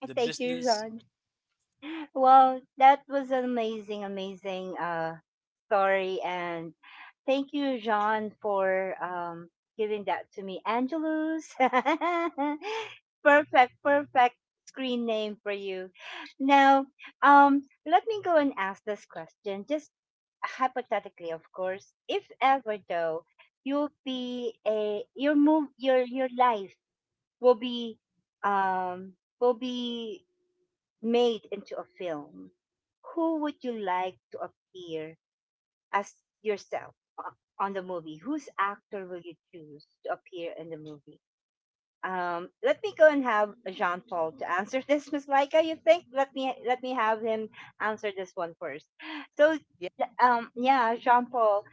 [SPEAKER 3] the
[SPEAKER 1] you,
[SPEAKER 3] business?
[SPEAKER 1] John. Well, that was an amazing, amazing story. And thank you, John, for giving that to me. Angelus. [LAUGHS] Perfect, perfect screen name for you. Now, let me go and ask this question, just hypothetically, of course. If ever though, you'll be a your move your life will be um will be made into a film. Who would you like to appear as yourself, uh, on the movie, whose actor will you choose to appear in the movie? Let me go and have Jean Paul to answer [LAUGHS] this, Miss Laika. You think? Let me have him answer this one first. So,
[SPEAKER 2] Yeah.
[SPEAKER 1] yeah, Jean Paul,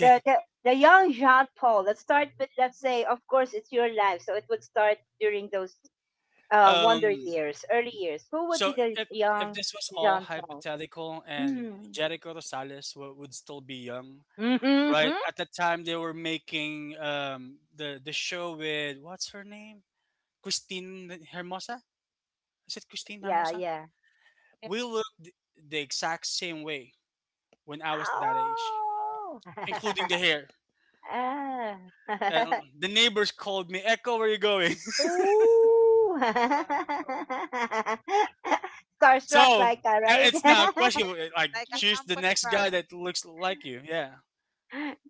[SPEAKER 1] the, the young Jean Paul. Let's start with let's say, of course, it's your life, so it would start during those wonder
[SPEAKER 3] Um,
[SPEAKER 1] years, early years. Who would
[SPEAKER 3] so
[SPEAKER 1] be the
[SPEAKER 3] if if
[SPEAKER 1] young
[SPEAKER 3] this was all
[SPEAKER 1] Jean Paul?
[SPEAKER 3] hypothetical and
[SPEAKER 1] Mm.
[SPEAKER 3] Jericho Rosales would still be young, right?
[SPEAKER 1] Mm-hmm.
[SPEAKER 3] At the time they were making the show with what's her name? Christine Hermosa? Is it
[SPEAKER 1] Okay.
[SPEAKER 3] Christine
[SPEAKER 1] Yeah,
[SPEAKER 3] Hermosa?
[SPEAKER 1] yeah.
[SPEAKER 2] Yeah.
[SPEAKER 3] We looked the exact same way when I was that
[SPEAKER 1] Wow!
[SPEAKER 3] age, including the
[SPEAKER 1] [LAUGHS]
[SPEAKER 3] hair.
[SPEAKER 1] Ah.
[SPEAKER 3] And the
[SPEAKER 1] [LAUGHS]
[SPEAKER 3] neighbors called me, Echo, where you going?
[SPEAKER 1] Ooh! [LAUGHS]
[SPEAKER 2] Wow.
[SPEAKER 3] [LAUGHS]
[SPEAKER 1] Starstruck
[SPEAKER 3] So
[SPEAKER 1] like that,
[SPEAKER 3] it's not a
[SPEAKER 1] right?
[SPEAKER 3] question.
[SPEAKER 1] [LAUGHS]
[SPEAKER 2] Yes.
[SPEAKER 3] Like,
[SPEAKER 2] Like a
[SPEAKER 3] choose the
[SPEAKER 2] campus
[SPEAKER 3] next guy
[SPEAKER 2] crush.
[SPEAKER 3] that looks like you. Yeah.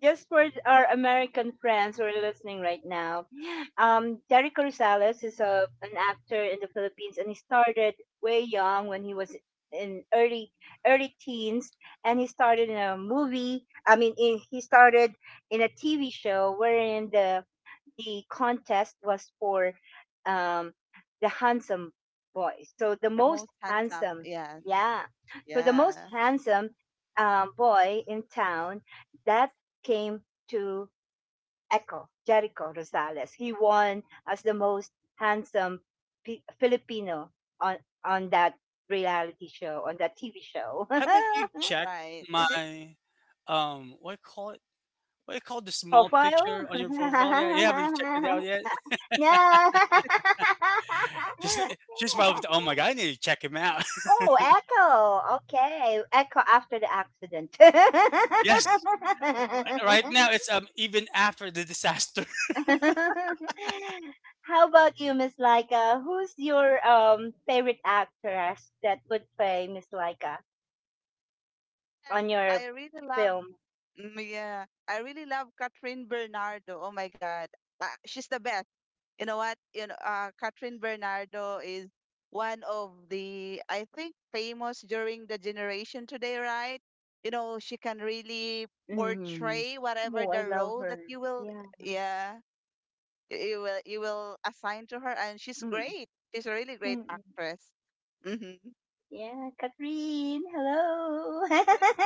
[SPEAKER 1] Just for our American friends who are listening right now, Jerry Corrales is an actor in the Philippines, and he started way young when he was in early teens, and he started in a movie. I mean, in, he started in a TV show wherein the contest was for um, the handsome boys. So the
[SPEAKER 2] The
[SPEAKER 1] most
[SPEAKER 2] most handsome.
[SPEAKER 1] handsome,
[SPEAKER 2] Yes.
[SPEAKER 1] yeah. So the most
[SPEAKER 2] Yeah.
[SPEAKER 1] handsome, boy in town that came to Echo Jericho Rosales. He won as the most handsome Filipino on on that reality show on that TV show. [LAUGHS]
[SPEAKER 3] Haven't you checked
[SPEAKER 2] Right.
[SPEAKER 3] my what do you call it? What do you call the small
[SPEAKER 1] Profile.
[SPEAKER 3] picture on your profile? Yeah, you haven't checked it out
[SPEAKER 1] [LAUGHS]
[SPEAKER 3] yet.
[SPEAKER 1] Yeah.
[SPEAKER 3] [LAUGHS] Just just While,
[SPEAKER 1] [LAUGHS]
[SPEAKER 3] oh my god, I need to check him out.
[SPEAKER 1] Oh, echo. Okay, echo after the accident.
[SPEAKER 3] [LAUGHS] Yes. Right now
[SPEAKER 1] [LAUGHS]
[SPEAKER 3] it's even after the disaster.
[SPEAKER 1] How about you, Miss Laika? Who's your favorite actress that would play Miss Laika
[SPEAKER 2] And
[SPEAKER 1] on your
[SPEAKER 2] I really love.
[SPEAKER 1] film?
[SPEAKER 2] Yeah. I really love Catherine Bernardo. Oh my God. She's the best. You know what? You know, Catherine Bernardo is one of the I think famous during the generation today, right? You know, she can really
[SPEAKER 1] Mm.
[SPEAKER 2] portray whatever
[SPEAKER 1] Oh, I
[SPEAKER 2] the
[SPEAKER 1] love
[SPEAKER 2] role
[SPEAKER 1] her.
[SPEAKER 2] that you will.
[SPEAKER 1] Yeah.
[SPEAKER 2] Yeah. You will assign to her, and she's
[SPEAKER 1] Mm.
[SPEAKER 2] great. She's a really great
[SPEAKER 1] Mm.
[SPEAKER 2] actress. Mm-hmm.
[SPEAKER 1] Yeah, Catherine, hello.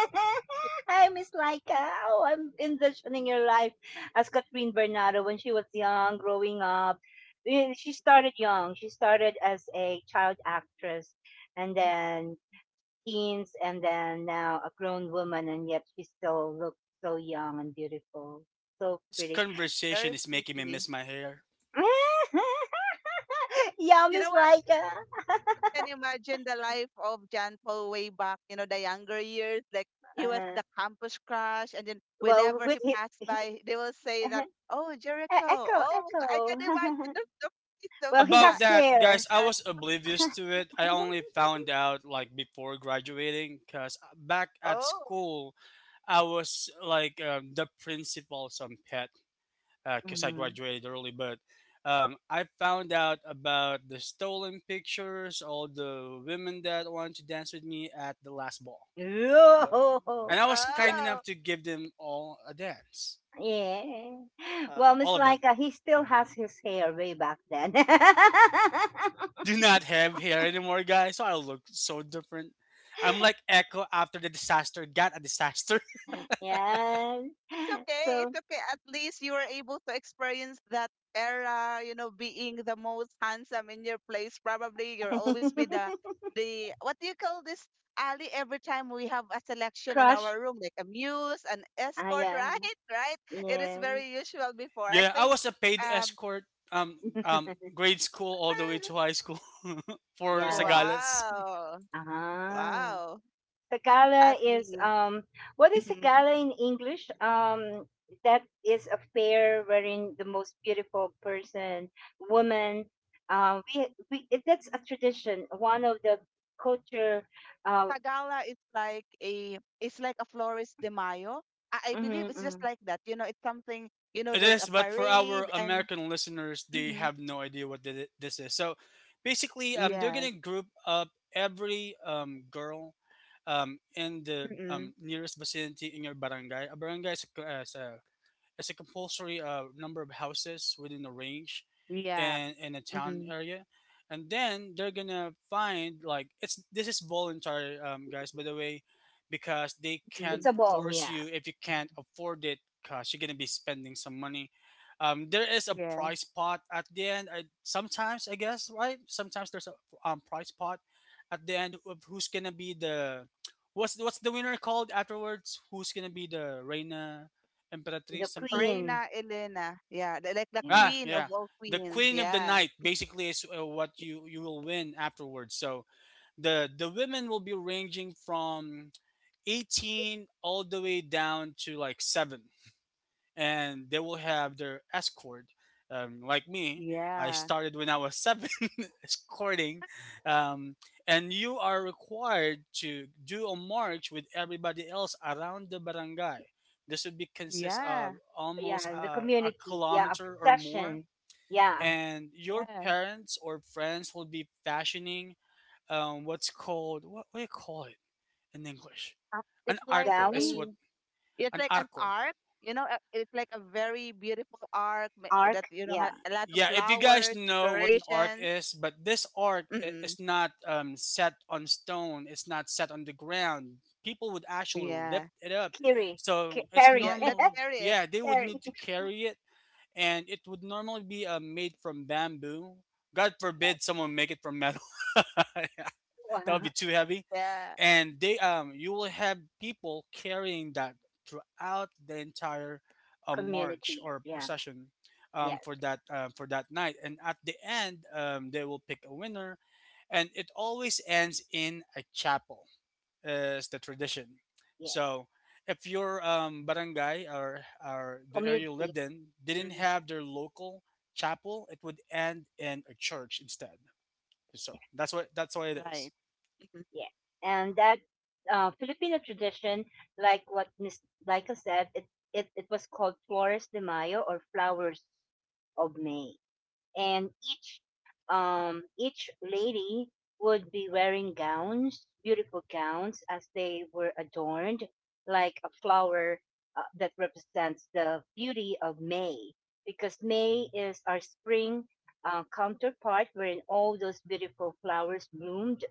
[SPEAKER 1] [LAUGHS] Hi, Miss Laika. Oh, I'm envisioning your life as Catherine Bernardo when she was young, growing up. She started young. She started as a child actress and
[SPEAKER 2] It's
[SPEAKER 1] then teens and then now a grown woman and yet she still looks so young and beautiful.
[SPEAKER 3] [LAUGHS]
[SPEAKER 1] So
[SPEAKER 3] This
[SPEAKER 1] pretty.
[SPEAKER 2] very
[SPEAKER 3] conversation is making me
[SPEAKER 2] pretty.
[SPEAKER 3] miss my hair.
[SPEAKER 1] [LAUGHS] Yeah,
[SPEAKER 2] You know
[SPEAKER 1] Miss
[SPEAKER 2] what?
[SPEAKER 1] Laika.
[SPEAKER 2] I can imagine the life of John Paul way back, the younger years. Like he was
[SPEAKER 1] Uh,
[SPEAKER 2] the campus crush, and then
[SPEAKER 1] well,
[SPEAKER 2] whenever he
[SPEAKER 1] with his,
[SPEAKER 2] passed by, they will say that,
[SPEAKER 1] [LAUGHS]
[SPEAKER 2] "Oh, Jericho!
[SPEAKER 1] Echo,
[SPEAKER 2] Oh,
[SPEAKER 1] Echo.
[SPEAKER 2] I can imagine the,
[SPEAKER 1] [LAUGHS]
[SPEAKER 2] face of
[SPEAKER 1] Well, he
[SPEAKER 2] John.
[SPEAKER 3] About
[SPEAKER 1] has
[SPEAKER 3] that,
[SPEAKER 1] hair.
[SPEAKER 3] guys, I
[SPEAKER 2] John.
[SPEAKER 3] was oblivious to it. I only
[SPEAKER 1] [LAUGHS]
[SPEAKER 3] found out like before graduating because back at
[SPEAKER 2] Oh,
[SPEAKER 3] school, I was like the principal's some pet because I
[SPEAKER 1] Mm-hmm.
[SPEAKER 3] graduated early, but I found out about the stolen pictures, all the women that wanted to dance with me at the last ball. But
[SPEAKER 1] Oh,
[SPEAKER 3] and I was
[SPEAKER 1] yeah,
[SPEAKER 3] kind enough to give them all a dance,
[SPEAKER 1] yeah. Well,
[SPEAKER 2] wow!
[SPEAKER 1] Miss
[SPEAKER 3] all of them.
[SPEAKER 1] Laika, he still has his hair way back then.
[SPEAKER 3] [LAUGHS]
[SPEAKER 1] [LAUGHS]
[SPEAKER 3] I do not have hair anymore, guys, so I look so different. I'm like Echo after the disaster got a disaster.
[SPEAKER 1] Yeah.
[SPEAKER 2] It's okay.
[SPEAKER 1] So,
[SPEAKER 2] It's okay. At least you were able to experience that era, being the most handsome in your place. Probably you'll always be the
[SPEAKER 1] [LAUGHS]
[SPEAKER 2] the what do you call this? Ali, every time we have a selection in
[SPEAKER 1] crush.
[SPEAKER 2] our room, like a muse, an
[SPEAKER 1] Ah,
[SPEAKER 2] escort, [LAUGHS]
[SPEAKER 1] yeah,
[SPEAKER 2] right? Right? It is
[SPEAKER 1] yeah,
[SPEAKER 2] very usual
[SPEAKER 3] [LAUGHS]
[SPEAKER 2] before. I
[SPEAKER 3] Yeah, I
[SPEAKER 2] think
[SPEAKER 3] was a paid
[SPEAKER 2] um
[SPEAKER 3] escort, um,
[SPEAKER 1] [LAUGHS]
[SPEAKER 3] grade school all the way to
[SPEAKER 2] [LAUGHS]
[SPEAKER 3] high school, [LAUGHS] for
[SPEAKER 1] yeah.
[SPEAKER 3] Sagalas.
[SPEAKER 2] wow.
[SPEAKER 1] Ah,
[SPEAKER 2] Wow.
[SPEAKER 1] the gala
[SPEAKER 2] At
[SPEAKER 1] is
[SPEAKER 2] least.
[SPEAKER 1] what is a
[SPEAKER 2] Mm-hmm.
[SPEAKER 1] gala in English? That is a fair wherein the most beautiful person, woman, that's a tradition, one of the culture, uh
[SPEAKER 2] Tagala is like a it's like a Flores de Mayo. I believe
[SPEAKER 1] mhm,
[SPEAKER 2] it's just
[SPEAKER 1] mhm.
[SPEAKER 2] like that. You know, it's something. You know,
[SPEAKER 3] It
[SPEAKER 2] there's
[SPEAKER 3] is,
[SPEAKER 2] a
[SPEAKER 3] but for our
[SPEAKER 2] parade and
[SPEAKER 3] American listeners, they
[SPEAKER 2] mm-hmm.
[SPEAKER 3] have no idea what this is. So basically, they're
[SPEAKER 2] Yes,
[SPEAKER 3] gonna group up every girl in the
[SPEAKER 2] mm-mm,
[SPEAKER 3] nearest vicinity in your barangay. A barangay is is a it's a compulsory number of houses within a range
[SPEAKER 2] yeah,
[SPEAKER 3] and in a town
[SPEAKER 2] mm-hmm,
[SPEAKER 3] area. And then they're gonna find like it's this is voluntary, guys, by the way, because they
[SPEAKER 1] It's
[SPEAKER 2] mm-hmm,
[SPEAKER 1] a
[SPEAKER 3] can't
[SPEAKER 1] ball, yeah.
[SPEAKER 3] force you if you can't afford it, cause you're gonna be spending some money. There is a
[SPEAKER 2] yeah.
[SPEAKER 3] price pot at the end. Sometimes I guess right. Sometimes there's a price pot at the end of who's gonna be the what's the winner called afterwards? Who's gonna be the reina?
[SPEAKER 1] The
[SPEAKER 3] Emperatrice something.
[SPEAKER 1] queen,
[SPEAKER 2] Reina Elena, yeah, like the
[SPEAKER 1] yeah,
[SPEAKER 3] Ah,
[SPEAKER 2] queen
[SPEAKER 3] yeah.
[SPEAKER 2] of all
[SPEAKER 3] The
[SPEAKER 2] queens.
[SPEAKER 3] queen of the
[SPEAKER 2] Yeah,
[SPEAKER 3] night basically is what you will win afterwards. So the women will be ranging from 18 all the way down to like 7 and they will have their escort. Like me, I
[SPEAKER 2] yeah,
[SPEAKER 3] started when I was seven [LAUGHS] escorting, um, and you are required to do a march with everybody else around the barangay. This would be consist
[SPEAKER 2] yeah,
[SPEAKER 3] of almost
[SPEAKER 1] yeah, the
[SPEAKER 3] a
[SPEAKER 1] community, yeah, a
[SPEAKER 3] kilometer or more,
[SPEAKER 1] procession, yeah,
[SPEAKER 3] and your
[SPEAKER 2] yeah.
[SPEAKER 3] parents or friends will be fashioning what's called what do you call it in English?
[SPEAKER 2] Uh,
[SPEAKER 3] An
[SPEAKER 2] It's like
[SPEAKER 3] arco is
[SPEAKER 1] gown,
[SPEAKER 3] what
[SPEAKER 2] a it's
[SPEAKER 3] an
[SPEAKER 2] like an
[SPEAKER 3] arco,
[SPEAKER 2] arc. You know, it's like a very beautiful arc that
[SPEAKER 1] arc, yeah,
[SPEAKER 2] a lot of
[SPEAKER 3] yeah, if you guys
[SPEAKER 2] flowers,
[SPEAKER 3] know what an arc
[SPEAKER 2] decorations.
[SPEAKER 3] is. But this arc
[SPEAKER 2] Mm-mm.
[SPEAKER 3] is not set on stone, it's not set on the ground. People would actually
[SPEAKER 2] Yeah.
[SPEAKER 3] lift it up,
[SPEAKER 1] carry,
[SPEAKER 3] so it's
[SPEAKER 1] carry,
[SPEAKER 2] Yeah, let's
[SPEAKER 3] normally,
[SPEAKER 2] hear it.
[SPEAKER 3] yeah, they
[SPEAKER 1] [LAUGHS]
[SPEAKER 3] would
[SPEAKER 1] carry,
[SPEAKER 3] need to carry it. And it would normally be made from bamboo. God
[SPEAKER 1] yes,
[SPEAKER 3] forbid someone make it from metal. [LAUGHS] That would
[SPEAKER 1] uh,
[SPEAKER 3] be too heavy.
[SPEAKER 2] Yeah.
[SPEAKER 3] And they you will have people carrying that throughout the entire march
[SPEAKER 1] community,
[SPEAKER 3] or
[SPEAKER 1] yeah,
[SPEAKER 3] procession,
[SPEAKER 1] yes,
[SPEAKER 3] for that night. And at the end, they will pick a winner. And it always ends in a chapel, is the tradition.
[SPEAKER 1] yes.
[SPEAKER 3] So if your barangay or the area you
[SPEAKER 1] Community.
[SPEAKER 3] lived in didn't
[SPEAKER 1] Mhm.
[SPEAKER 3] have their local chapel, it would end in a church instead. So that's what it is.
[SPEAKER 2] Right. Mhm.
[SPEAKER 1] Yeah, and that, Filipino tradition, like what Miss Laika said, it was called Flores de Mayo or Flowers of May. And each lady would be wearing gowns, beautiful gowns, as they were adorned like a flower, that represents the beauty of May, because May is our spring, counterpart, wherein all those beautiful flowers bloomed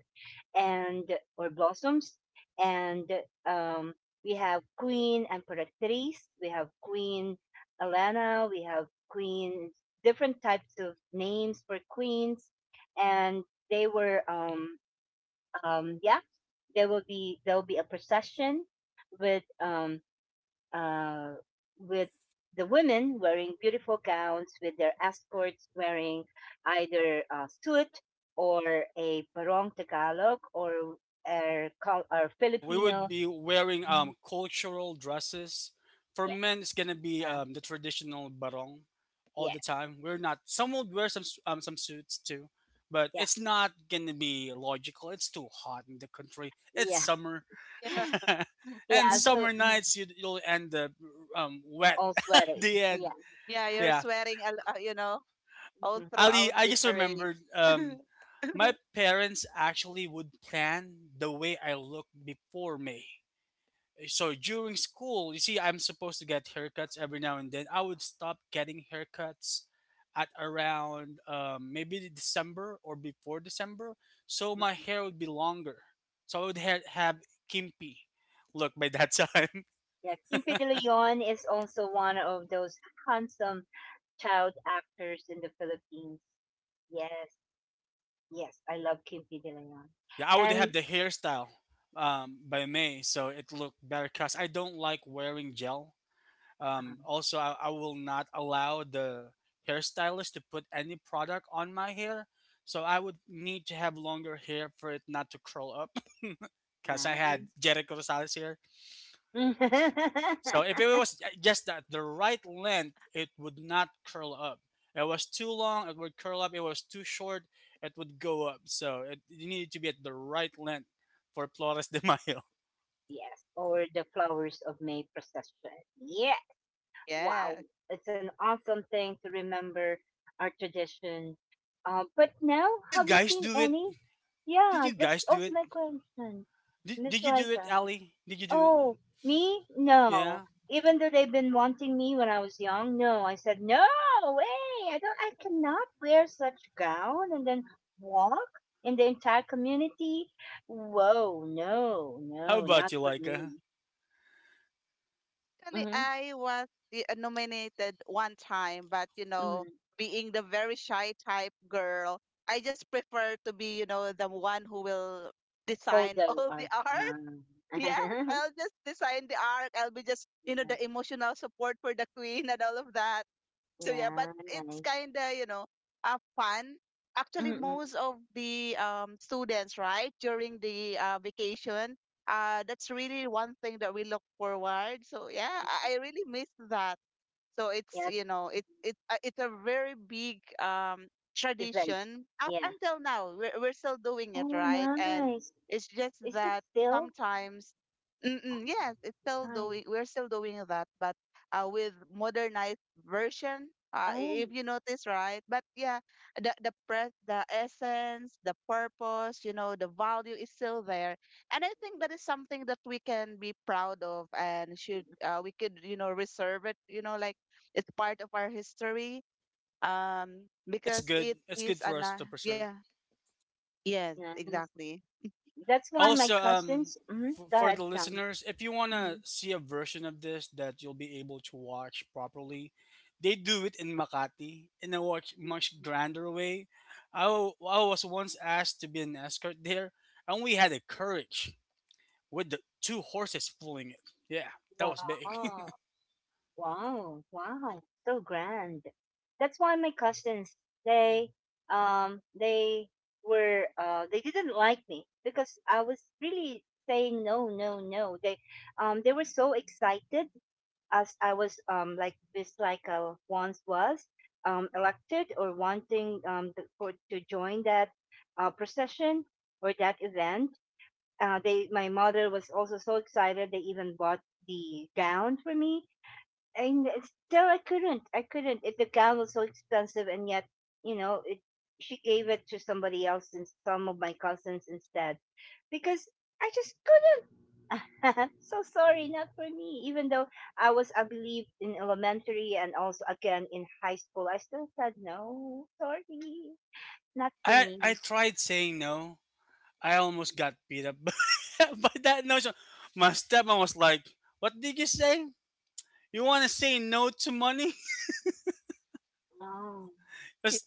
[SPEAKER 1] and or blossoms, and um, we have Queen Emperatriz, we have Queen Elena, we have queen, different types of names for queens, and they were yeah, there will be a procession with uh, with the women wearing beautiful gowns, with their escorts wearing either a suit or a barong Tagalog or
[SPEAKER 3] Yeah, we would
[SPEAKER 1] Filipino.
[SPEAKER 3] be wearing
[SPEAKER 1] Mhm.
[SPEAKER 3] cultural dresses. For
[SPEAKER 1] Yeah,
[SPEAKER 3] men, it's gonna be
[SPEAKER 2] Yeah.
[SPEAKER 3] the traditional barong all
[SPEAKER 1] yeah,
[SPEAKER 3] the time. We're not. Some will wear some some suits too, but
[SPEAKER 1] yeah,
[SPEAKER 3] it's not gonna be logical. It's too hot in the country. It's
[SPEAKER 1] yeah,
[SPEAKER 3] summer,
[SPEAKER 2] Yeah.
[SPEAKER 1] [LAUGHS]
[SPEAKER 3] [LAUGHS] and
[SPEAKER 1] yeah. So
[SPEAKER 2] [LAUGHS]
[SPEAKER 3] summer nights you'll end up wet.
[SPEAKER 1] all
[SPEAKER 3] [LAUGHS]
[SPEAKER 1] sweaty.
[SPEAKER 3] The
[SPEAKER 1] Yeah.
[SPEAKER 3] end.
[SPEAKER 2] Yeah, you're
[SPEAKER 3] Yeah,
[SPEAKER 2] swearing, a lo- you know, all
[SPEAKER 1] Mhm,
[SPEAKER 3] Ali.
[SPEAKER 2] throughout
[SPEAKER 3] I
[SPEAKER 2] the
[SPEAKER 3] just
[SPEAKER 2] parade.
[SPEAKER 3] remembered,
[SPEAKER 2] [LAUGHS]
[SPEAKER 3] my parents actually would plan the way I looked before May. So during school, you see, I'm supposed to get haircuts every now and then. I would stop getting haircuts at around maybe the December or before December, so my
[SPEAKER 1] mhm.
[SPEAKER 3] hair would be longer. So I would have kimpy look by that [LAUGHS] time.
[SPEAKER 1] Yeah, Kimpi de Leon is also one of those handsome child actors in the Philippines. Yes, yes, I love Kimpi de Leon.
[SPEAKER 3] Yeah, I would
[SPEAKER 1] And
[SPEAKER 3] have the hairstyle, by May, so it looked better. Cause I don't like wearing gel.
[SPEAKER 1] Um,
[SPEAKER 3] Also, I will not allow the hairstylist to put any product on my hair. So I would need to have longer hair for it not to curl up [LAUGHS] because I
[SPEAKER 1] Nice.
[SPEAKER 3] had Jericho Rosales hair.
[SPEAKER 1] [LAUGHS]
[SPEAKER 3] So if it was just that the right length, it would not curl up. It was too long, it would curl up. It was too short, it would go up. So it needed to be at the right length for Flores de Mayo.
[SPEAKER 1] Yes, or the Flowers of May procession. Yeah,
[SPEAKER 2] Yeah.
[SPEAKER 1] wow. It's an awesome thing to remember our tradition. But now,
[SPEAKER 3] [LAUGHS] Did you
[SPEAKER 1] have you
[SPEAKER 3] guys
[SPEAKER 1] seen
[SPEAKER 3] do it?
[SPEAKER 1] any?
[SPEAKER 3] Did
[SPEAKER 1] Yeah,
[SPEAKER 3] you
[SPEAKER 1] that's
[SPEAKER 3] guys do
[SPEAKER 1] also
[SPEAKER 3] it?
[SPEAKER 1] my question.
[SPEAKER 3] Did,
[SPEAKER 1] Miss
[SPEAKER 3] did you do it,
[SPEAKER 1] Laika.
[SPEAKER 3] Ali? Did you do it?
[SPEAKER 1] Oh, me? No.
[SPEAKER 3] Yeah.
[SPEAKER 1] Even though they've been wanting me when I was young, no. I said, no way. I don't, I cannot wear such gown and then walk in the entire community. Whoa, no,
[SPEAKER 3] How
[SPEAKER 1] no,
[SPEAKER 3] about
[SPEAKER 1] not
[SPEAKER 3] you,
[SPEAKER 1] for
[SPEAKER 3] Laika?
[SPEAKER 1] me.
[SPEAKER 2] Actually,
[SPEAKER 1] Mm-hmm.
[SPEAKER 2] I was nominated one time, but,
[SPEAKER 1] Hmm.
[SPEAKER 2] being the very shy type girl, I just prefer to be, the one who will design
[SPEAKER 1] Hold
[SPEAKER 2] [LAUGHS]
[SPEAKER 1] on.
[SPEAKER 2] all the
[SPEAKER 1] Art.
[SPEAKER 2] art.
[SPEAKER 1] Um, [LAUGHS]
[SPEAKER 2] Yes,
[SPEAKER 1] yeah,
[SPEAKER 2] I'll just design the art. I'll be just, the emotional support for the queen and all of that. So yeah, but
[SPEAKER 1] yeah,
[SPEAKER 2] it's
[SPEAKER 1] nice.
[SPEAKER 2] kind of, fun. Actually,
[SPEAKER 1] Mm-mm.
[SPEAKER 2] most of the students, right, during the vacation, that's really one thing that we look forward. So yeah, I really miss that. So it's
[SPEAKER 1] Yeah,
[SPEAKER 2] you know it it it's a very big
[SPEAKER 1] event.
[SPEAKER 2] tradition up
[SPEAKER 1] Yeah.
[SPEAKER 2] until now. We're still doing it,
[SPEAKER 1] Oh,
[SPEAKER 2] right? And
[SPEAKER 1] nice.
[SPEAKER 2] it's just
[SPEAKER 1] Is it
[SPEAKER 2] that
[SPEAKER 1] still?
[SPEAKER 2] sometimes,
[SPEAKER 1] Oh,
[SPEAKER 2] mm-mm, yes, it's still
[SPEAKER 1] nice.
[SPEAKER 2] doing. We're still doing that, but with modernized version. Uh, i-
[SPEAKER 1] Oh.
[SPEAKER 2] if you notice, right? But yeah, the press, the essence, the purpose, the value is still there, and I think that is something that we can be proud of and should we could reserve it, like it's part of our history.
[SPEAKER 3] Yeah, it's
[SPEAKER 2] Because
[SPEAKER 3] good.
[SPEAKER 2] it
[SPEAKER 3] It's
[SPEAKER 2] is
[SPEAKER 3] good for
[SPEAKER 2] an
[SPEAKER 3] us to preserve.
[SPEAKER 2] yeah, yes,
[SPEAKER 1] Nice.
[SPEAKER 2] exactly.
[SPEAKER 1] That's why my
[SPEAKER 3] Also,
[SPEAKER 1] cousins. Mm-hmm. Go
[SPEAKER 3] for
[SPEAKER 1] ahead,
[SPEAKER 3] the
[SPEAKER 1] John.
[SPEAKER 3] listeners, if you
[SPEAKER 1] hmm
[SPEAKER 3] wanna see a version of this that you'll be able to watch properly, they do it in Makati in a much much grander way. I, I was once asked to be an escort there, and we had a carriage with the two horses pulling it. Yeah, that was big. [LAUGHS]
[SPEAKER 1] Wow, wow, wow, so grand. That's why my cousins, they they were, they didn't like me because I was really saying no, no, no. They were so excited as I was like this, like I once was elected or wanting to, for to join that procession or that event, they, my mother was also so excited, they even bought the gown for me. And still I couldn't it, the gown was so expensive, and yet it, she gave it to somebody else and some of my cousins instead because I just couldn't. [LAUGHS] So sorry, not for me. Even though I was, I believe, in elementary and also again in high school, I still said no. Sorry, not for
[SPEAKER 3] I
[SPEAKER 1] me.
[SPEAKER 3] tried saying no, I almost got beat up [LAUGHS] by that notion. My stepmom was like, "What did you say? You want to say no to money?"
[SPEAKER 1] Oh.
[SPEAKER 3] [LAUGHS]
[SPEAKER 2] Yeah,
[SPEAKER 3] 'Cause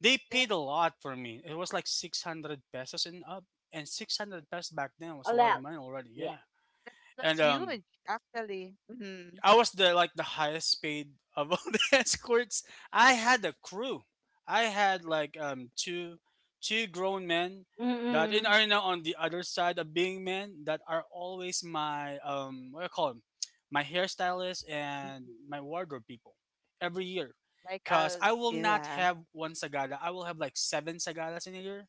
[SPEAKER 3] they
[SPEAKER 2] yeah,
[SPEAKER 3] paid a lot for me. It was like 600 pesos and up. And 600 pesos back then was a lot of
[SPEAKER 1] Allowed.
[SPEAKER 3] money already,
[SPEAKER 1] Yeah.
[SPEAKER 3] yeah.
[SPEAKER 2] that's
[SPEAKER 3] And
[SPEAKER 2] huge, actually. Mhm.
[SPEAKER 3] I was the like the highest paid of all [LAUGHS] the escorts. I had a crew. I had like two grown men that in
[SPEAKER 1] Mm-mm.
[SPEAKER 3] are now on the other side of being men, that are always my what do I call them, my hairstylist and
[SPEAKER 1] Hmm.
[SPEAKER 3] my wardrobe people every year,
[SPEAKER 2] Like
[SPEAKER 3] because I will not
[SPEAKER 2] yeah,
[SPEAKER 3] have one sagada. I will have like seven sagadas in a year.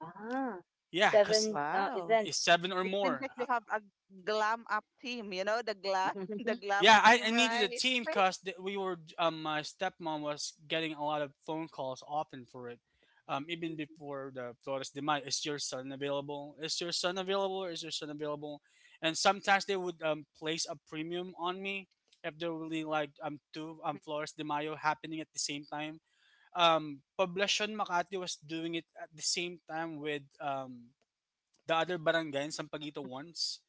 [SPEAKER 1] Ah,
[SPEAKER 3] Yeah, because
[SPEAKER 1] seven
[SPEAKER 2] wow.
[SPEAKER 3] it's
[SPEAKER 1] events.
[SPEAKER 3] seven or
[SPEAKER 2] It seems
[SPEAKER 3] more.
[SPEAKER 2] like you have a glam up team. You know the glam, [LAUGHS] the
[SPEAKER 1] [LAUGHS]
[SPEAKER 2] glam
[SPEAKER 3] Yeah, I
[SPEAKER 2] team,
[SPEAKER 3] needed a
[SPEAKER 2] right?
[SPEAKER 3] team
[SPEAKER 2] Faith
[SPEAKER 3] because we were. My stepmom was getting a lot of phone calls often for it. Even before the Flores de Mayo, is your son available? Is your son available? Is your son available? And sometimes they would, place a premium on me if there were really like two Flores de Mayo happening at the same time. Poblacion Makati was doing it at the same time with the other barangay in Sampaguita once,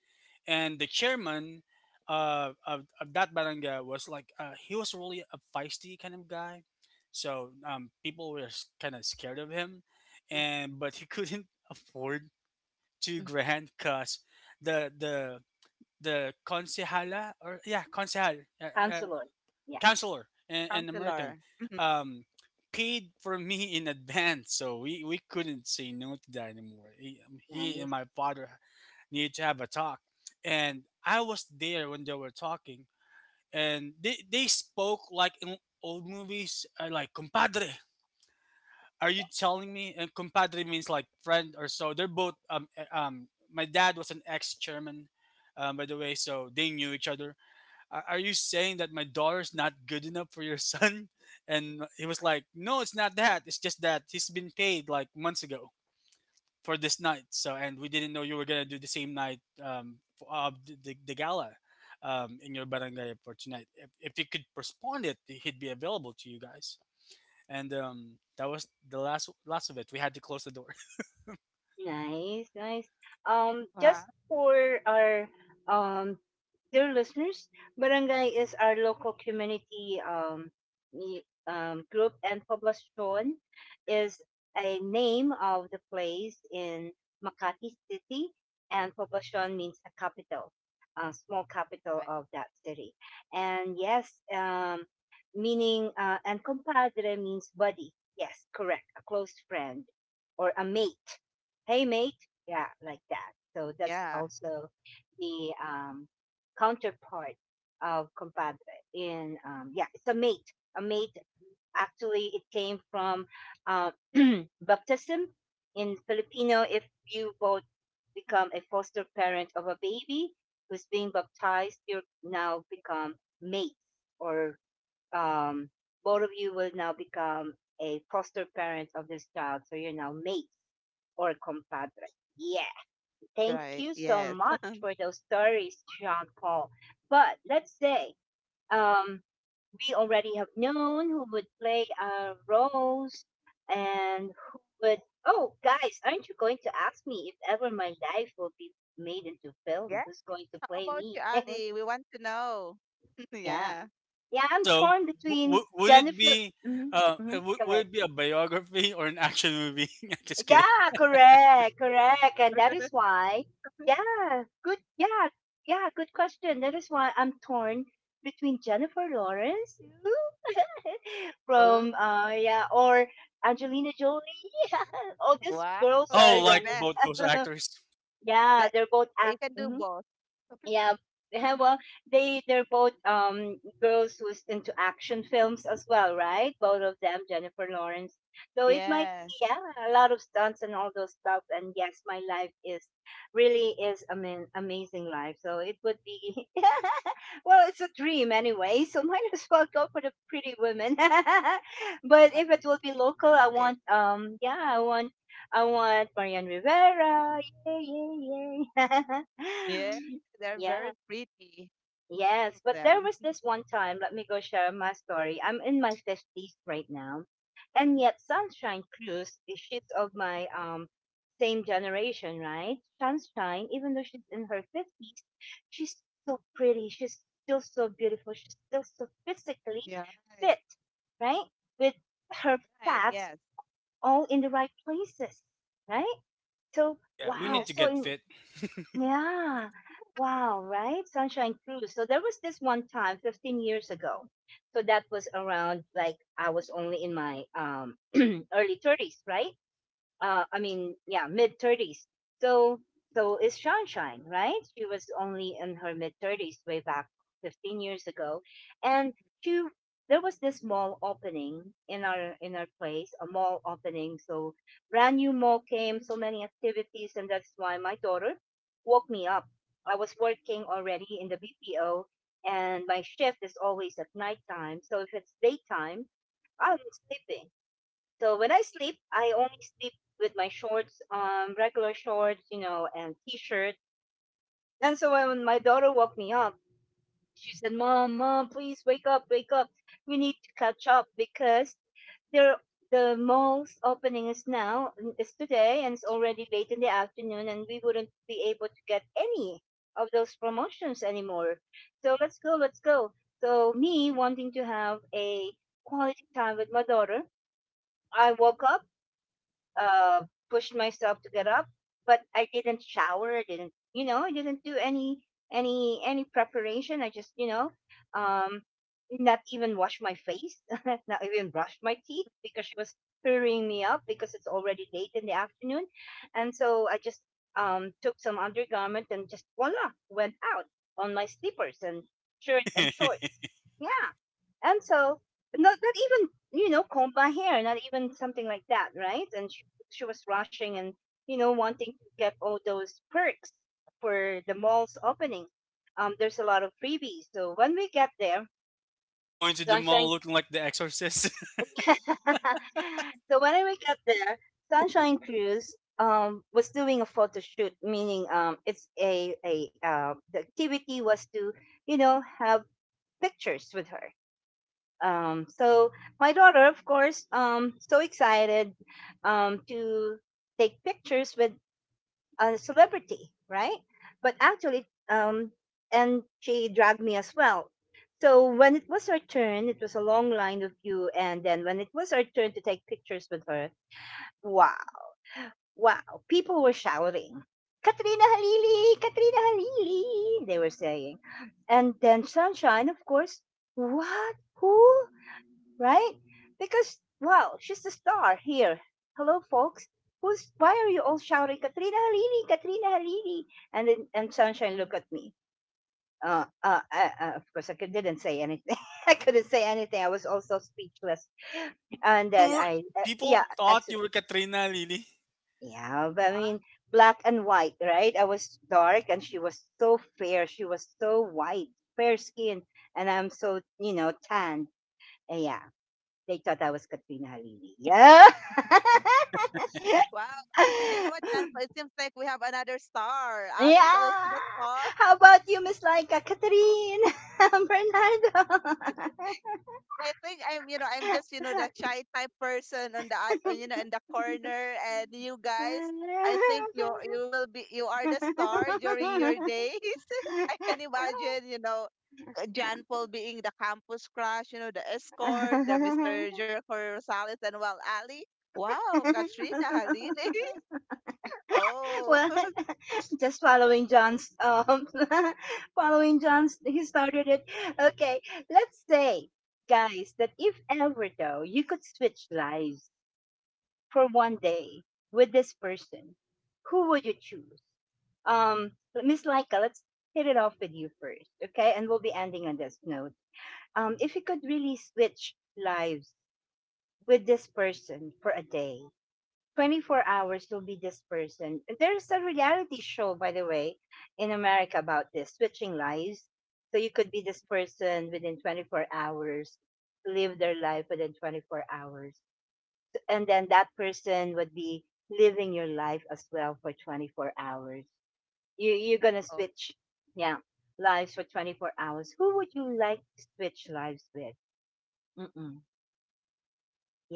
[SPEAKER 3] and the chairman of that barangay was like, he was really a feisty kind of guy, so, people were kind of scared of him. And but he couldn't [LAUGHS] afford 2 grand because the the the concejala or, yeah, concejal,
[SPEAKER 1] Counselor. Yeah,
[SPEAKER 3] counselor, and
[SPEAKER 2] counselor.
[SPEAKER 3] American,
[SPEAKER 2] Mhm.
[SPEAKER 3] um, paid for me in advance, so we couldn't say no to that anymore. He and
[SPEAKER 1] nice.
[SPEAKER 3] my father needed to have a talk, and I was there when they were talking, and they spoke like in old movies, like compadre. Are you
[SPEAKER 1] Yeah.
[SPEAKER 3] telling me? And compadre means like friend or so. They're both. My dad was an ex chairman, by the way, so they knew each other. Are you saying that my daughter's not good enough for your son? [LAUGHS] And he was like, no, it's not that. It's just that he's been paid like months ago for this night. So, and we didn't know you were going to do the same night, for the gala in your barangay for tonight. If he could postpone it, he'd be available to you guys. And that was the last last of it. We had to close the door. [LAUGHS]
[SPEAKER 1] Nice, nice. Um,
[SPEAKER 2] Wow.
[SPEAKER 1] just for our um dear listeners, Barangay is our local community group, and Poblacion is a name of the place in Makati City, and Poblacion means a capital, a small capital of that city. And yes, meaning and compadre means buddy. Yes, correct, a close friend or a mate. Hey mate, yeah, like that. So that's
[SPEAKER 2] Yeah.
[SPEAKER 1] also the counterpart of compadre in yeah, it's a mate, actually. It came from uh, [CLEARS THROAT] baptism. In Filipino, if you both become a foster parent of a baby who's being baptized, you now become mates, or um, both of you will now become a foster parent of this child, so you're now mates or compadre. Yeah, thank
[SPEAKER 2] Right.
[SPEAKER 1] you so
[SPEAKER 2] Yes.
[SPEAKER 1] much for those stories, Jean Paul. But let's say, um, we already have known who would play our roles and who would. Oh, guys, aren't you going to ask me if ever my life will be made into film?
[SPEAKER 2] Yes.
[SPEAKER 1] Who's going to
[SPEAKER 2] How
[SPEAKER 1] play
[SPEAKER 2] about
[SPEAKER 1] me?
[SPEAKER 2] you,
[SPEAKER 1] [LAUGHS]
[SPEAKER 2] Ali? We want to know. [LAUGHS]
[SPEAKER 1] Yeah,
[SPEAKER 2] Yeah.
[SPEAKER 1] yeah, I'm
[SPEAKER 3] Also,
[SPEAKER 1] torn between
[SPEAKER 3] would it
[SPEAKER 1] Jennifer.
[SPEAKER 3] be
[SPEAKER 1] Hmm. Hmm. Go ahead.
[SPEAKER 3] would it be a biography or an action movie? [LAUGHS] Just kidding.
[SPEAKER 1] Yeah, correct, correct. And that is
[SPEAKER 2] [LAUGHS]
[SPEAKER 1] why, yeah, good, yeah, yeah, good question. That is why I'm torn between Jennifer Lawrence [LAUGHS]
[SPEAKER 2] Oh,
[SPEAKER 1] from, yeah, or Angelina Jolie. [LAUGHS] All these
[SPEAKER 2] wow.
[SPEAKER 1] girls are,
[SPEAKER 3] Oh,
[SPEAKER 2] They're
[SPEAKER 1] yeah,
[SPEAKER 2] the
[SPEAKER 3] like
[SPEAKER 2] best.
[SPEAKER 3] both those actors.
[SPEAKER 1] [LAUGHS] yeah,
[SPEAKER 2] Like
[SPEAKER 1] they're both act.
[SPEAKER 2] you can do
[SPEAKER 1] Mm-hmm.
[SPEAKER 2] both.
[SPEAKER 1] Yeah, yeah. Well, they're both girls who's into action films as well, right? Both of them, Jennifer Lawrence. So it might
[SPEAKER 2] Yeah.
[SPEAKER 1] be, yeah, a lot of stunts and all those stuff. And yes, my life is really is a mean amazing life. So it would be [LAUGHS] well, it's a dream anyway. So [LAUGHS] might as well go for the pretty women. [LAUGHS] But
[SPEAKER 2] Right,
[SPEAKER 1] if it will be local, I
[SPEAKER 2] right.
[SPEAKER 1] want yeah, I want Marian Rivera. Yay, yay, yay.
[SPEAKER 2] Yeah.
[SPEAKER 1] [LAUGHS]
[SPEAKER 2] They're
[SPEAKER 1] Yeah.
[SPEAKER 2] very pretty, all
[SPEAKER 1] Yes,
[SPEAKER 2] of
[SPEAKER 1] but there
[SPEAKER 2] them.
[SPEAKER 1] was this one time, let me go share my story. I'm in my 50s right now. And yet Sunshine Cruz, eh, she's of my same generation, right? Sunshine, even though she's in her 50s, she's so pretty. She's still so beautiful. She's still so physically
[SPEAKER 2] Yeah, right,
[SPEAKER 1] fit, right? With her
[SPEAKER 2] right.
[SPEAKER 1] fats
[SPEAKER 2] Yes.
[SPEAKER 1] all in the right places, right? So,
[SPEAKER 3] Yeah, we
[SPEAKER 1] wow.
[SPEAKER 3] need
[SPEAKER 2] Yeah.
[SPEAKER 3] to
[SPEAKER 1] So
[SPEAKER 3] get
[SPEAKER 1] in,
[SPEAKER 3] fit.
[SPEAKER 1] yeah. Wow, right? Sunshine Cruise. So there was this one time 15 years ago. So that was around, like, I was only in my [CLEARS THROAT] early 30s, right? I mean, yeah, mid 30s. So, so is Sunshine, right? She was only in her mid 30s way back 15 years ago, and she there was this mall opening in our place, a mall opening. So, brand new mall came, so many activities, and that's why my daughter woke me up. I was working already in the BPO, and my shift is always at nighttime. So if it's daytime, I'm sleeping. So when I sleep, I only sleep with my shorts, regular shorts, you know, and t-shirt. And so when my daughter woke me up, she said, "Mom, mom, please wake up, wake up. We need to catch up because there the mall's opening is now is today, and it's already late in the afternoon and we wouldn't be able to get any of those promotions anymore. So let's go, let's go." So, me wanting to have a quality time with my daughter, I woke up, uh, pushed myself to get up, but I didn't shower. I didn't, you know, I didn't do any preparation. I just, you know, um, not even wash my face, [LAUGHS] not even brushed my teeth, because she was hurrying me up because it's already late in the afternoon, and so I just took some undergarment and just voila went out on my slippers and shirt and shorts.
[SPEAKER 3] [LAUGHS]
[SPEAKER 1] Yeah, and so, not even, you know, comb my hair, not even something like that, right? And she was rushing and, you know, wanting to get all those perks for the mall's opening. There's a lot of freebies. So when we get there,
[SPEAKER 3] Going to the mall
[SPEAKER 1] Sunshine.
[SPEAKER 3] looking like The Exorcist.
[SPEAKER 1] [LAUGHS] So when we get there, Sunshine Cruise was doing a photo shoot, meaning it's a the activity was to have pictures with her. So my daughter, of course, so excited to take pictures with a celebrity, right, but actually and she dragged me as well. So when it was her turn, it was a long line of you, and then when it was her turn to take pictures with her, wow, wow, people were shouting, "Katrina Halili, Katrina Halili," they were saying. And then Sunshine, of course, what, who, right? Because, wow, she's the star here. Hello, folks. Who's, why are you all shouting, Katrina Halili, Katrina Halili? And then, and Sunshine looked at me. Of course, I could, didn't say anything. [LAUGHS] I couldn't say anything. I was also speechless.
[SPEAKER 3] [LAUGHS]
[SPEAKER 1] And
[SPEAKER 3] You
[SPEAKER 1] then
[SPEAKER 3] were,
[SPEAKER 1] I,
[SPEAKER 3] people
[SPEAKER 1] yeah,
[SPEAKER 3] thought
[SPEAKER 1] exit.
[SPEAKER 3] you were Katrina Lily.
[SPEAKER 1] Yeah, but I
[SPEAKER 2] Wow.
[SPEAKER 1] mean, black and white, right? I was dark and she was so fair. She was so white, fair skin. And I'm so, you know, tanned. Uh, yeah, They thought I was Katrina Halili. Yeah. [LAUGHS]
[SPEAKER 2] Wow. You know what, Jennifer? It seems like we have another star. Ali is also
[SPEAKER 1] Yeah.
[SPEAKER 2] the star.
[SPEAKER 1] How about you, Miss Laika? Catherine?
[SPEAKER 2] I think I'm, I'm just, the shy type person on the, in the corner. And you guys, I think you are the star during your days. [LAUGHS] I can
[SPEAKER 1] [LAUGHS]
[SPEAKER 2] imagine, Jan
[SPEAKER 1] Bernardo?
[SPEAKER 2] Paul being the campus crush, the escort, the Mr. Jericho Rosales and Wal Ali. Wow, Katrina Halili. [LAUGHS]
[SPEAKER 1] [LAUGHS]
[SPEAKER 2] Oh.
[SPEAKER 1] Well, just following John's [LAUGHS] following John's, he started it. Okay, let's say, guys, that if ever though you could switch lives for one day with this person, who would you choose? Um Miss Laika, let's hit it off with you first, okay? And we'll be ending on this note. If you could really switch lives with this person for a day, 24 hours will be this person. There's a reality show, by the way, in America about this switching lives. So you could be this person within 24 hours, live their life within 24 hours. And then that person would be living your life as well for 24 hours. You're going to switch, yeah, lives for 24 hours. Who would you like to switch lives with? Mm-mm.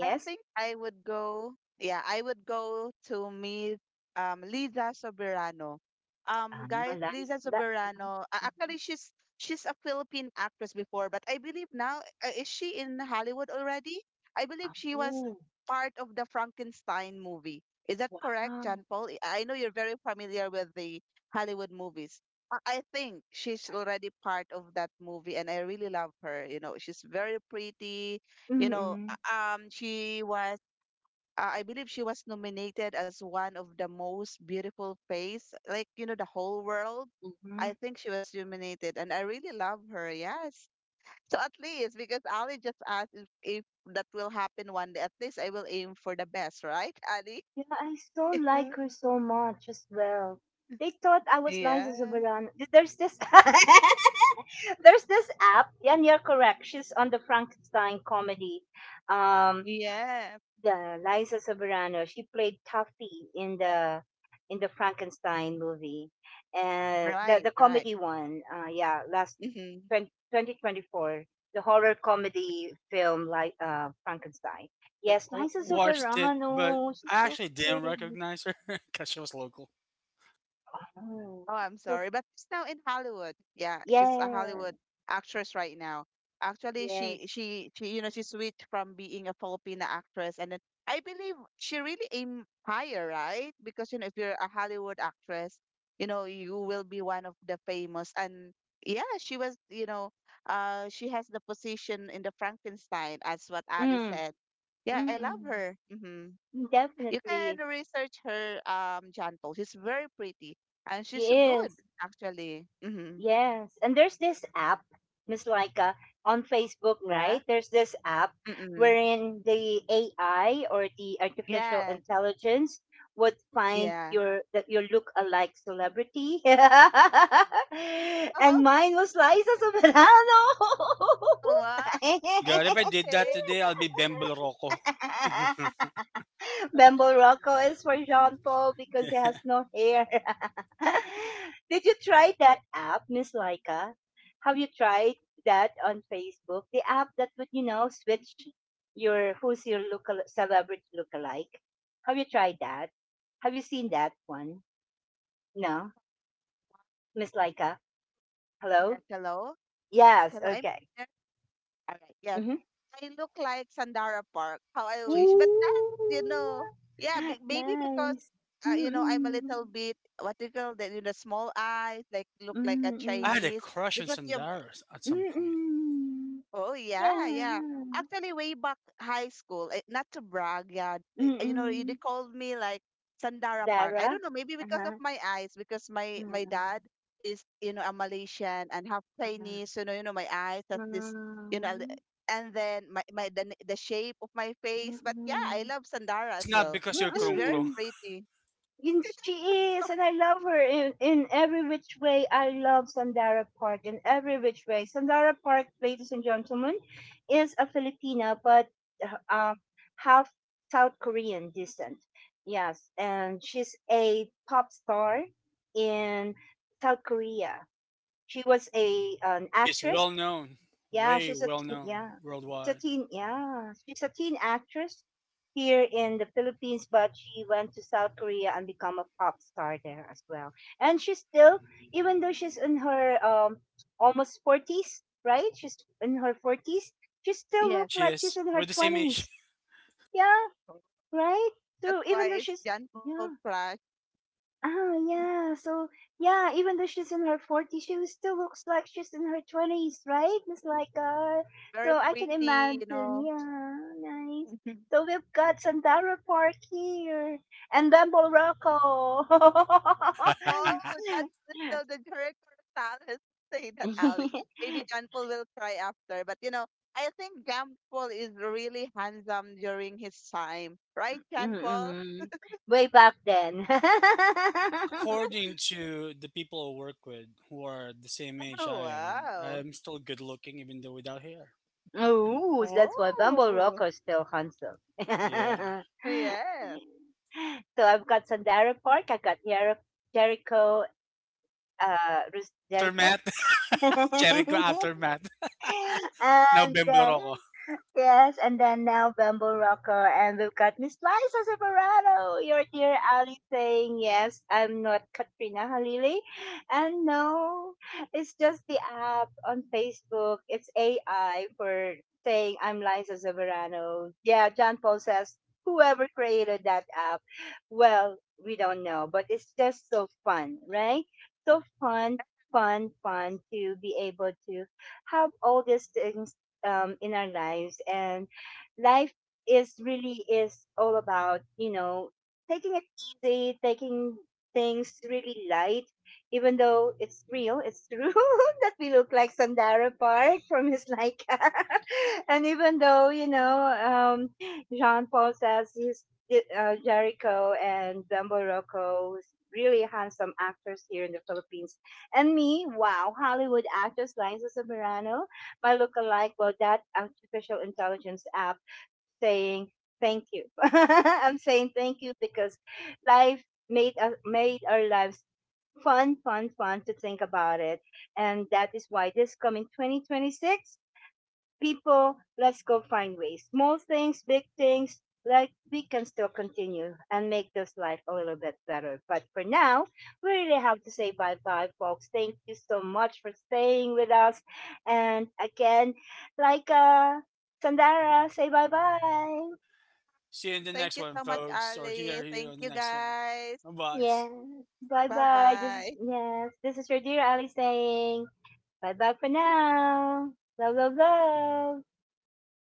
[SPEAKER 2] I think I would go. Yeah, I would go to meet Liza Soberano.
[SPEAKER 1] Ah,
[SPEAKER 2] Guys,
[SPEAKER 1] lives.
[SPEAKER 2] Liza
[SPEAKER 1] That,
[SPEAKER 2] Soberano.
[SPEAKER 1] mhm.
[SPEAKER 2] Actually, she's a Philippine actress before, but I believe now is she in Hollywood already? I believe she was
[SPEAKER 1] Oh,
[SPEAKER 2] part of the Frankenstein movie. Is that correct,
[SPEAKER 1] wow.
[SPEAKER 2] John Paul? I know you're very familiar with the Hollywood movies. I think she's already part of that movie, and I really love her. You know, she's very pretty you know
[SPEAKER 1] Mm.
[SPEAKER 2] um, she was, I believe she was nominated as one of the most beautiful face, like, the whole world.
[SPEAKER 1] Mhm.
[SPEAKER 2] I think she was nominated, and I really love her. Yes. So at least, because Ali just asked if that will happen one day, at least I will aim for the best, right, Ali?
[SPEAKER 1] Yeah, I so
[SPEAKER 2] [LAUGHS]
[SPEAKER 1] like her so much as well. They thought I was Liza
[SPEAKER 2] Yeah.
[SPEAKER 1] Soberano. There's this [LAUGHS] there's this app, and you're correct. She's on the Frankenstein comedy. Um,
[SPEAKER 2] Yeah.
[SPEAKER 1] Yeah, Liza Soberano. She played Tuffy in the Frankenstein movie, and the
[SPEAKER 2] Right.
[SPEAKER 1] the
[SPEAKER 2] Right.
[SPEAKER 1] comedy one. Yeah, last
[SPEAKER 2] Mhm.
[SPEAKER 1] 20, 2024, the horror comedy film, like Frankenstein.
[SPEAKER 3] You
[SPEAKER 1] Yes, Liza
[SPEAKER 3] watched it, but
[SPEAKER 1] Soberano. She's
[SPEAKER 3] I
[SPEAKER 1] so
[SPEAKER 3] actually didn't
[SPEAKER 1] pretty.
[SPEAKER 3] recognize her [LAUGHS] because she was local.
[SPEAKER 1] Oh,
[SPEAKER 2] Oh,
[SPEAKER 1] she's
[SPEAKER 2] I'm
[SPEAKER 1] so,
[SPEAKER 2] sorry, but she's now in Hollywood. Yeah, she's a
[SPEAKER 1] yeah,
[SPEAKER 2] Hollywood actress right now. Actually,
[SPEAKER 1] yes.
[SPEAKER 2] she you know she switched from being a Filipina actress, and then I believe she really aim higher, right? Because if you're a Hollywood actress, you will be one of the famous. And yeah, she was you know, she has the position in the Frankenstein as what Ali
[SPEAKER 1] Mm,
[SPEAKER 2] said. Yeah, I love
[SPEAKER 1] mm,
[SPEAKER 2] her. Mm-hmm.
[SPEAKER 1] mm.
[SPEAKER 2] You can
[SPEAKER 1] Definitely,
[SPEAKER 2] research her Janpo. She's very pretty and
[SPEAKER 1] she
[SPEAKER 2] she's
[SPEAKER 1] is.
[SPEAKER 2] good actually. Mm-hmm.
[SPEAKER 1] Yes. And there's this app, Miss Laika, on Facebook,
[SPEAKER 2] Yeah.
[SPEAKER 1] right? There's this app
[SPEAKER 2] Mm-mm.
[SPEAKER 1] wherein the AI or the artificial
[SPEAKER 2] Yes.
[SPEAKER 1] intelligence would find
[SPEAKER 2] Yeah.
[SPEAKER 1] your, that your look-alike celebrity. [LAUGHS] And
[SPEAKER 2] [LAUGHS]
[SPEAKER 1] mine was Liza Soberano.
[SPEAKER 2] Oh, wow.
[SPEAKER 3] Oh my god, if I did that
[SPEAKER 2] Okay.
[SPEAKER 3] today, I'll be Bembel Rocco. [LAUGHS]
[SPEAKER 1] [LAUGHS] Bembo Rocco is for Jean Paul because he has no hair. [LAUGHS] Did you try that app, Miss Laika? Have you tried that on Facebook? The app that would, you know, switch your, who's your local celebrity lookalike. Have you tried that? Have you seen that one? No, Miss Laika. Hello.
[SPEAKER 2] Yes. Hello. Yes.
[SPEAKER 1] Yes.
[SPEAKER 2] Hello. I'm
[SPEAKER 1] Okay.
[SPEAKER 2] here. All right. Yes.
[SPEAKER 1] Mm-hmm.
[SPEAKER 2] I look like Sandara Park. How I
[SPEAKER 3] Sun-
[SPEAKER 2] wish. But that's you
[SPEAKER 1] Ooh,
[SPEAKER 2] know. Yeah. Maybe because
[SPEAKER 1] nice.
[SPEAKER 2] I'm a
[SPEAKER 1] Mm-mm.
[SPEAKER 2] little bit what do you call that? You know, small eyes, like look like a
[SPEAKER 3] I
[SPEAKER 1] Mm-mm.
[SPEAKER 3] had a
[SPEAKER 2] Chinese.
[SPEAKER 3] crush on
[SPEAKER 2] Because you
[SPEAKER 3] Sandara at some point.
[SPEAKER 1] Mm-mm.
[SPEAKER 2] Oh, yeah, yeah.
[SPEAKER 1] Yeah,
[SPEAKER 2] Actually, way back high school, not to brag, yeah, they
[SPEAKER 1] mm.
[SPEAKER 2] called me like Sandara Park. I don't
[SPEAKER 1] Zara?
[SPEAKER 2] know, maybe because of
[SPEAKER 1] Uh-huh,
[SPEAKER 2] my eyes, because my
[SPEAKER 1] mm,
[SPEAKER 2] dad is a Malaysian and half
[SPEAKER 1] uh-huh,
[SPEAKER 2] Chinese, so my eyes have this, you know, li-
[SPEAKER 1] mm,
[SPEAKER 2] and then the shape of my face. But yeah, I
[SPEAKER 1] mm,
[SPEAKER 2] love Sandara
[SPEAKER 3] It's
[SPEAKER 2] as
[SPEAKER 3] not
[SPEAKER 2] well.
[SPEAKER 3] because you're
[SPEAKER 2] It's
[SPEAKER 3] Krung
[SPEAKER 2] very
[SPEAKER 3] Krung.
[SPEAKER 1] mm.
[SPEAKER 2] pretty.
[SPEAKER 1] And she is, and I
[SPEAKER 2] [LAUGHS]
[SPEAKER 1] love her in every which way. I love Sandara Park in every which way. Sandara Park, ladies and gentlemen, is a Filipina, but uh, um, half South Korean descent. Yes, and she's a pop star in South Korea. She was a an
[SPEAKER 3] She is
[SPEAKER 1] actress.
[SPEAKER 3] well known,
[SPEAKER 1] Yeah,
[SPEAKER 3] way
[SPEAKER 1] she's a
[SPEAKER 3] well
[SPEAKER 1] teen.
[SPEAKER 3] known
[SPEAKER 1] Yeah, she's a
[SPEAKER 3] worldwide.
[SPEAKER 1] teen. Yeah, she's a teen actress here in the Philippines, but she went to South Korea and become a pop star there as well. And she's still, even though she's in her almost 40s, right? She's in her 40s. She still
[SPEAKER 2] Yes,
[SPEAKER 1] looks
[SPEAKER 3] She
[SPEAKER 1] like she's
[SPEAKER 3] is.
[SPEAKER 1] in her
[SPEAKER 3] We're the same age.
[SPEAKER 1] twenties. Yeah,
[SPEAKER 2] so
[SPEAKER 1] right.
[SPEAKER 2] that's
[SPEAKER 1] So even
[SPEAKER 2] why
[SPEAKER 1] though
[SPEAKER 2] it's
[SPEAKER 1] she's,
[SPEAKER 2] Jan Paul
[SPEAKER 1] yeah,
[SPEAKER 2] Crush.
[SPEAKER 1] ah, yeah. So, yeah, even though she's in her 40s, she still looks like she's in her 20s, right? It's like,
[SPEAKER 2] Very
[SPEAKER 1] so I can
[SPEAKER 2] pretty.
[SPEAKER 1] imagine. Yeah, nice.
[SPEAKER 2] [LAUGHS]
[SPEAKER 1] So we've got Sandara Park here and Bamble Rocco.
[SPEAKER 2] Oh,
[SPEAKER 3] [LAUGHS]
[SPEAKER 1] [LAUGHS]
[SPEAKER 2] that's so the director of talent [LAUGHS] say that Ali. Maybe John Paul will try after, but I think John Paul is really handsome during his time, right, John Paul?
[SPEAKER 1] Mm-mm. Way back then.
[SPEAKER 3] Well,
[SPEAKER 1] [LAUGHS]
[SPEAKER 3] according to the people I work with who are the same age
[SPEAKER 2] Oh,
[SPEAKER 3] I am,
[SPEAKER 2] wow.
[SPEAKER 3] I'm still good looking even though without hair.
[SPEAKER 1] Oh, that's why Bumble Rock
[SPEAKER 2] Oh,
[SPEAKER 1] is still handsome. [LAUGHS]
[SPEAKER 3] Yeah.
[SPEAKER 2] yes.
[SPEAKER 1] So I've got Sandara Park, I've got Jericho, Jericho,
[SPEAKER 3] Aftermath.
[SPEAKER 1] [LAUGHS]
[SPEAKER 3] [LAUGHS] Jericho aftermath. [LAUGHS] Now
[SPEAKER 1] and
[SPEAKER 3] bembler ako.
[SPEAKER 1] yes, and then now Bamboo Rocker, and we've got Miss Liza Separado, your dear Ali, saying, "Yes, I'm not Katrina Halili." And no, it's just the app on Facebook. It's AI for saying, "I'm Liza Severano." Yeah, John Paul says, whoever created that app, well, we don't know, but it's just so fun, right? So fun, fun, fun to be able to have all these things in our lives. And life is really is all about, you know, taking it easy, taking things really light, even though it's real, it's true [LAUGHS] that we look like Sandara Park, from his Laika. [LAUGHS] And even though, you know, Jean Paul says he's Jericho and Bambo Rocco, who's really handsome actors here in the Philippines, and me, wow, Hollywood actress Liza Soberano. My lookalike, well, that artificial intelligence app, saying thank you. [LAUGHS] I'm saying thank you because life made us, made our lives fun, fun, fun to think about it, and that is why this coming 2026, people, let's go find ways. Small things, big things, like we can still continue and make this life a little bit better. But for now, we really have to say bye bye, folks. Thank you so much for staying with us. And again, like Sandara, say bye bye.
[SPEAKER 3] See you in the next
[SPEAKER 2] Thank you
[SPEAKER 3] one,
[SPEAKER 2] so much,
[SPEAKER 3] folks, or hear
[SPEAKER 2] Ali.
[SPEAKER 3] you on
[SPEAKER 2] Thank
[SPEAKER 3] the
[SPEAKER 2] you,
[SPEAKER 3] next one.
[SPEAKER 2] guys.
[SPEAKER 3] Bye bye.
[SPEAKER 1] Yeah, bye
[SPEAKER 2] Bye
[SPEAKER 1] bye. This is,
[SPEAKER 2] bye.
[SPEAKER 1] yes, this is your dear Ali saying bye bye for now. Love, love, love.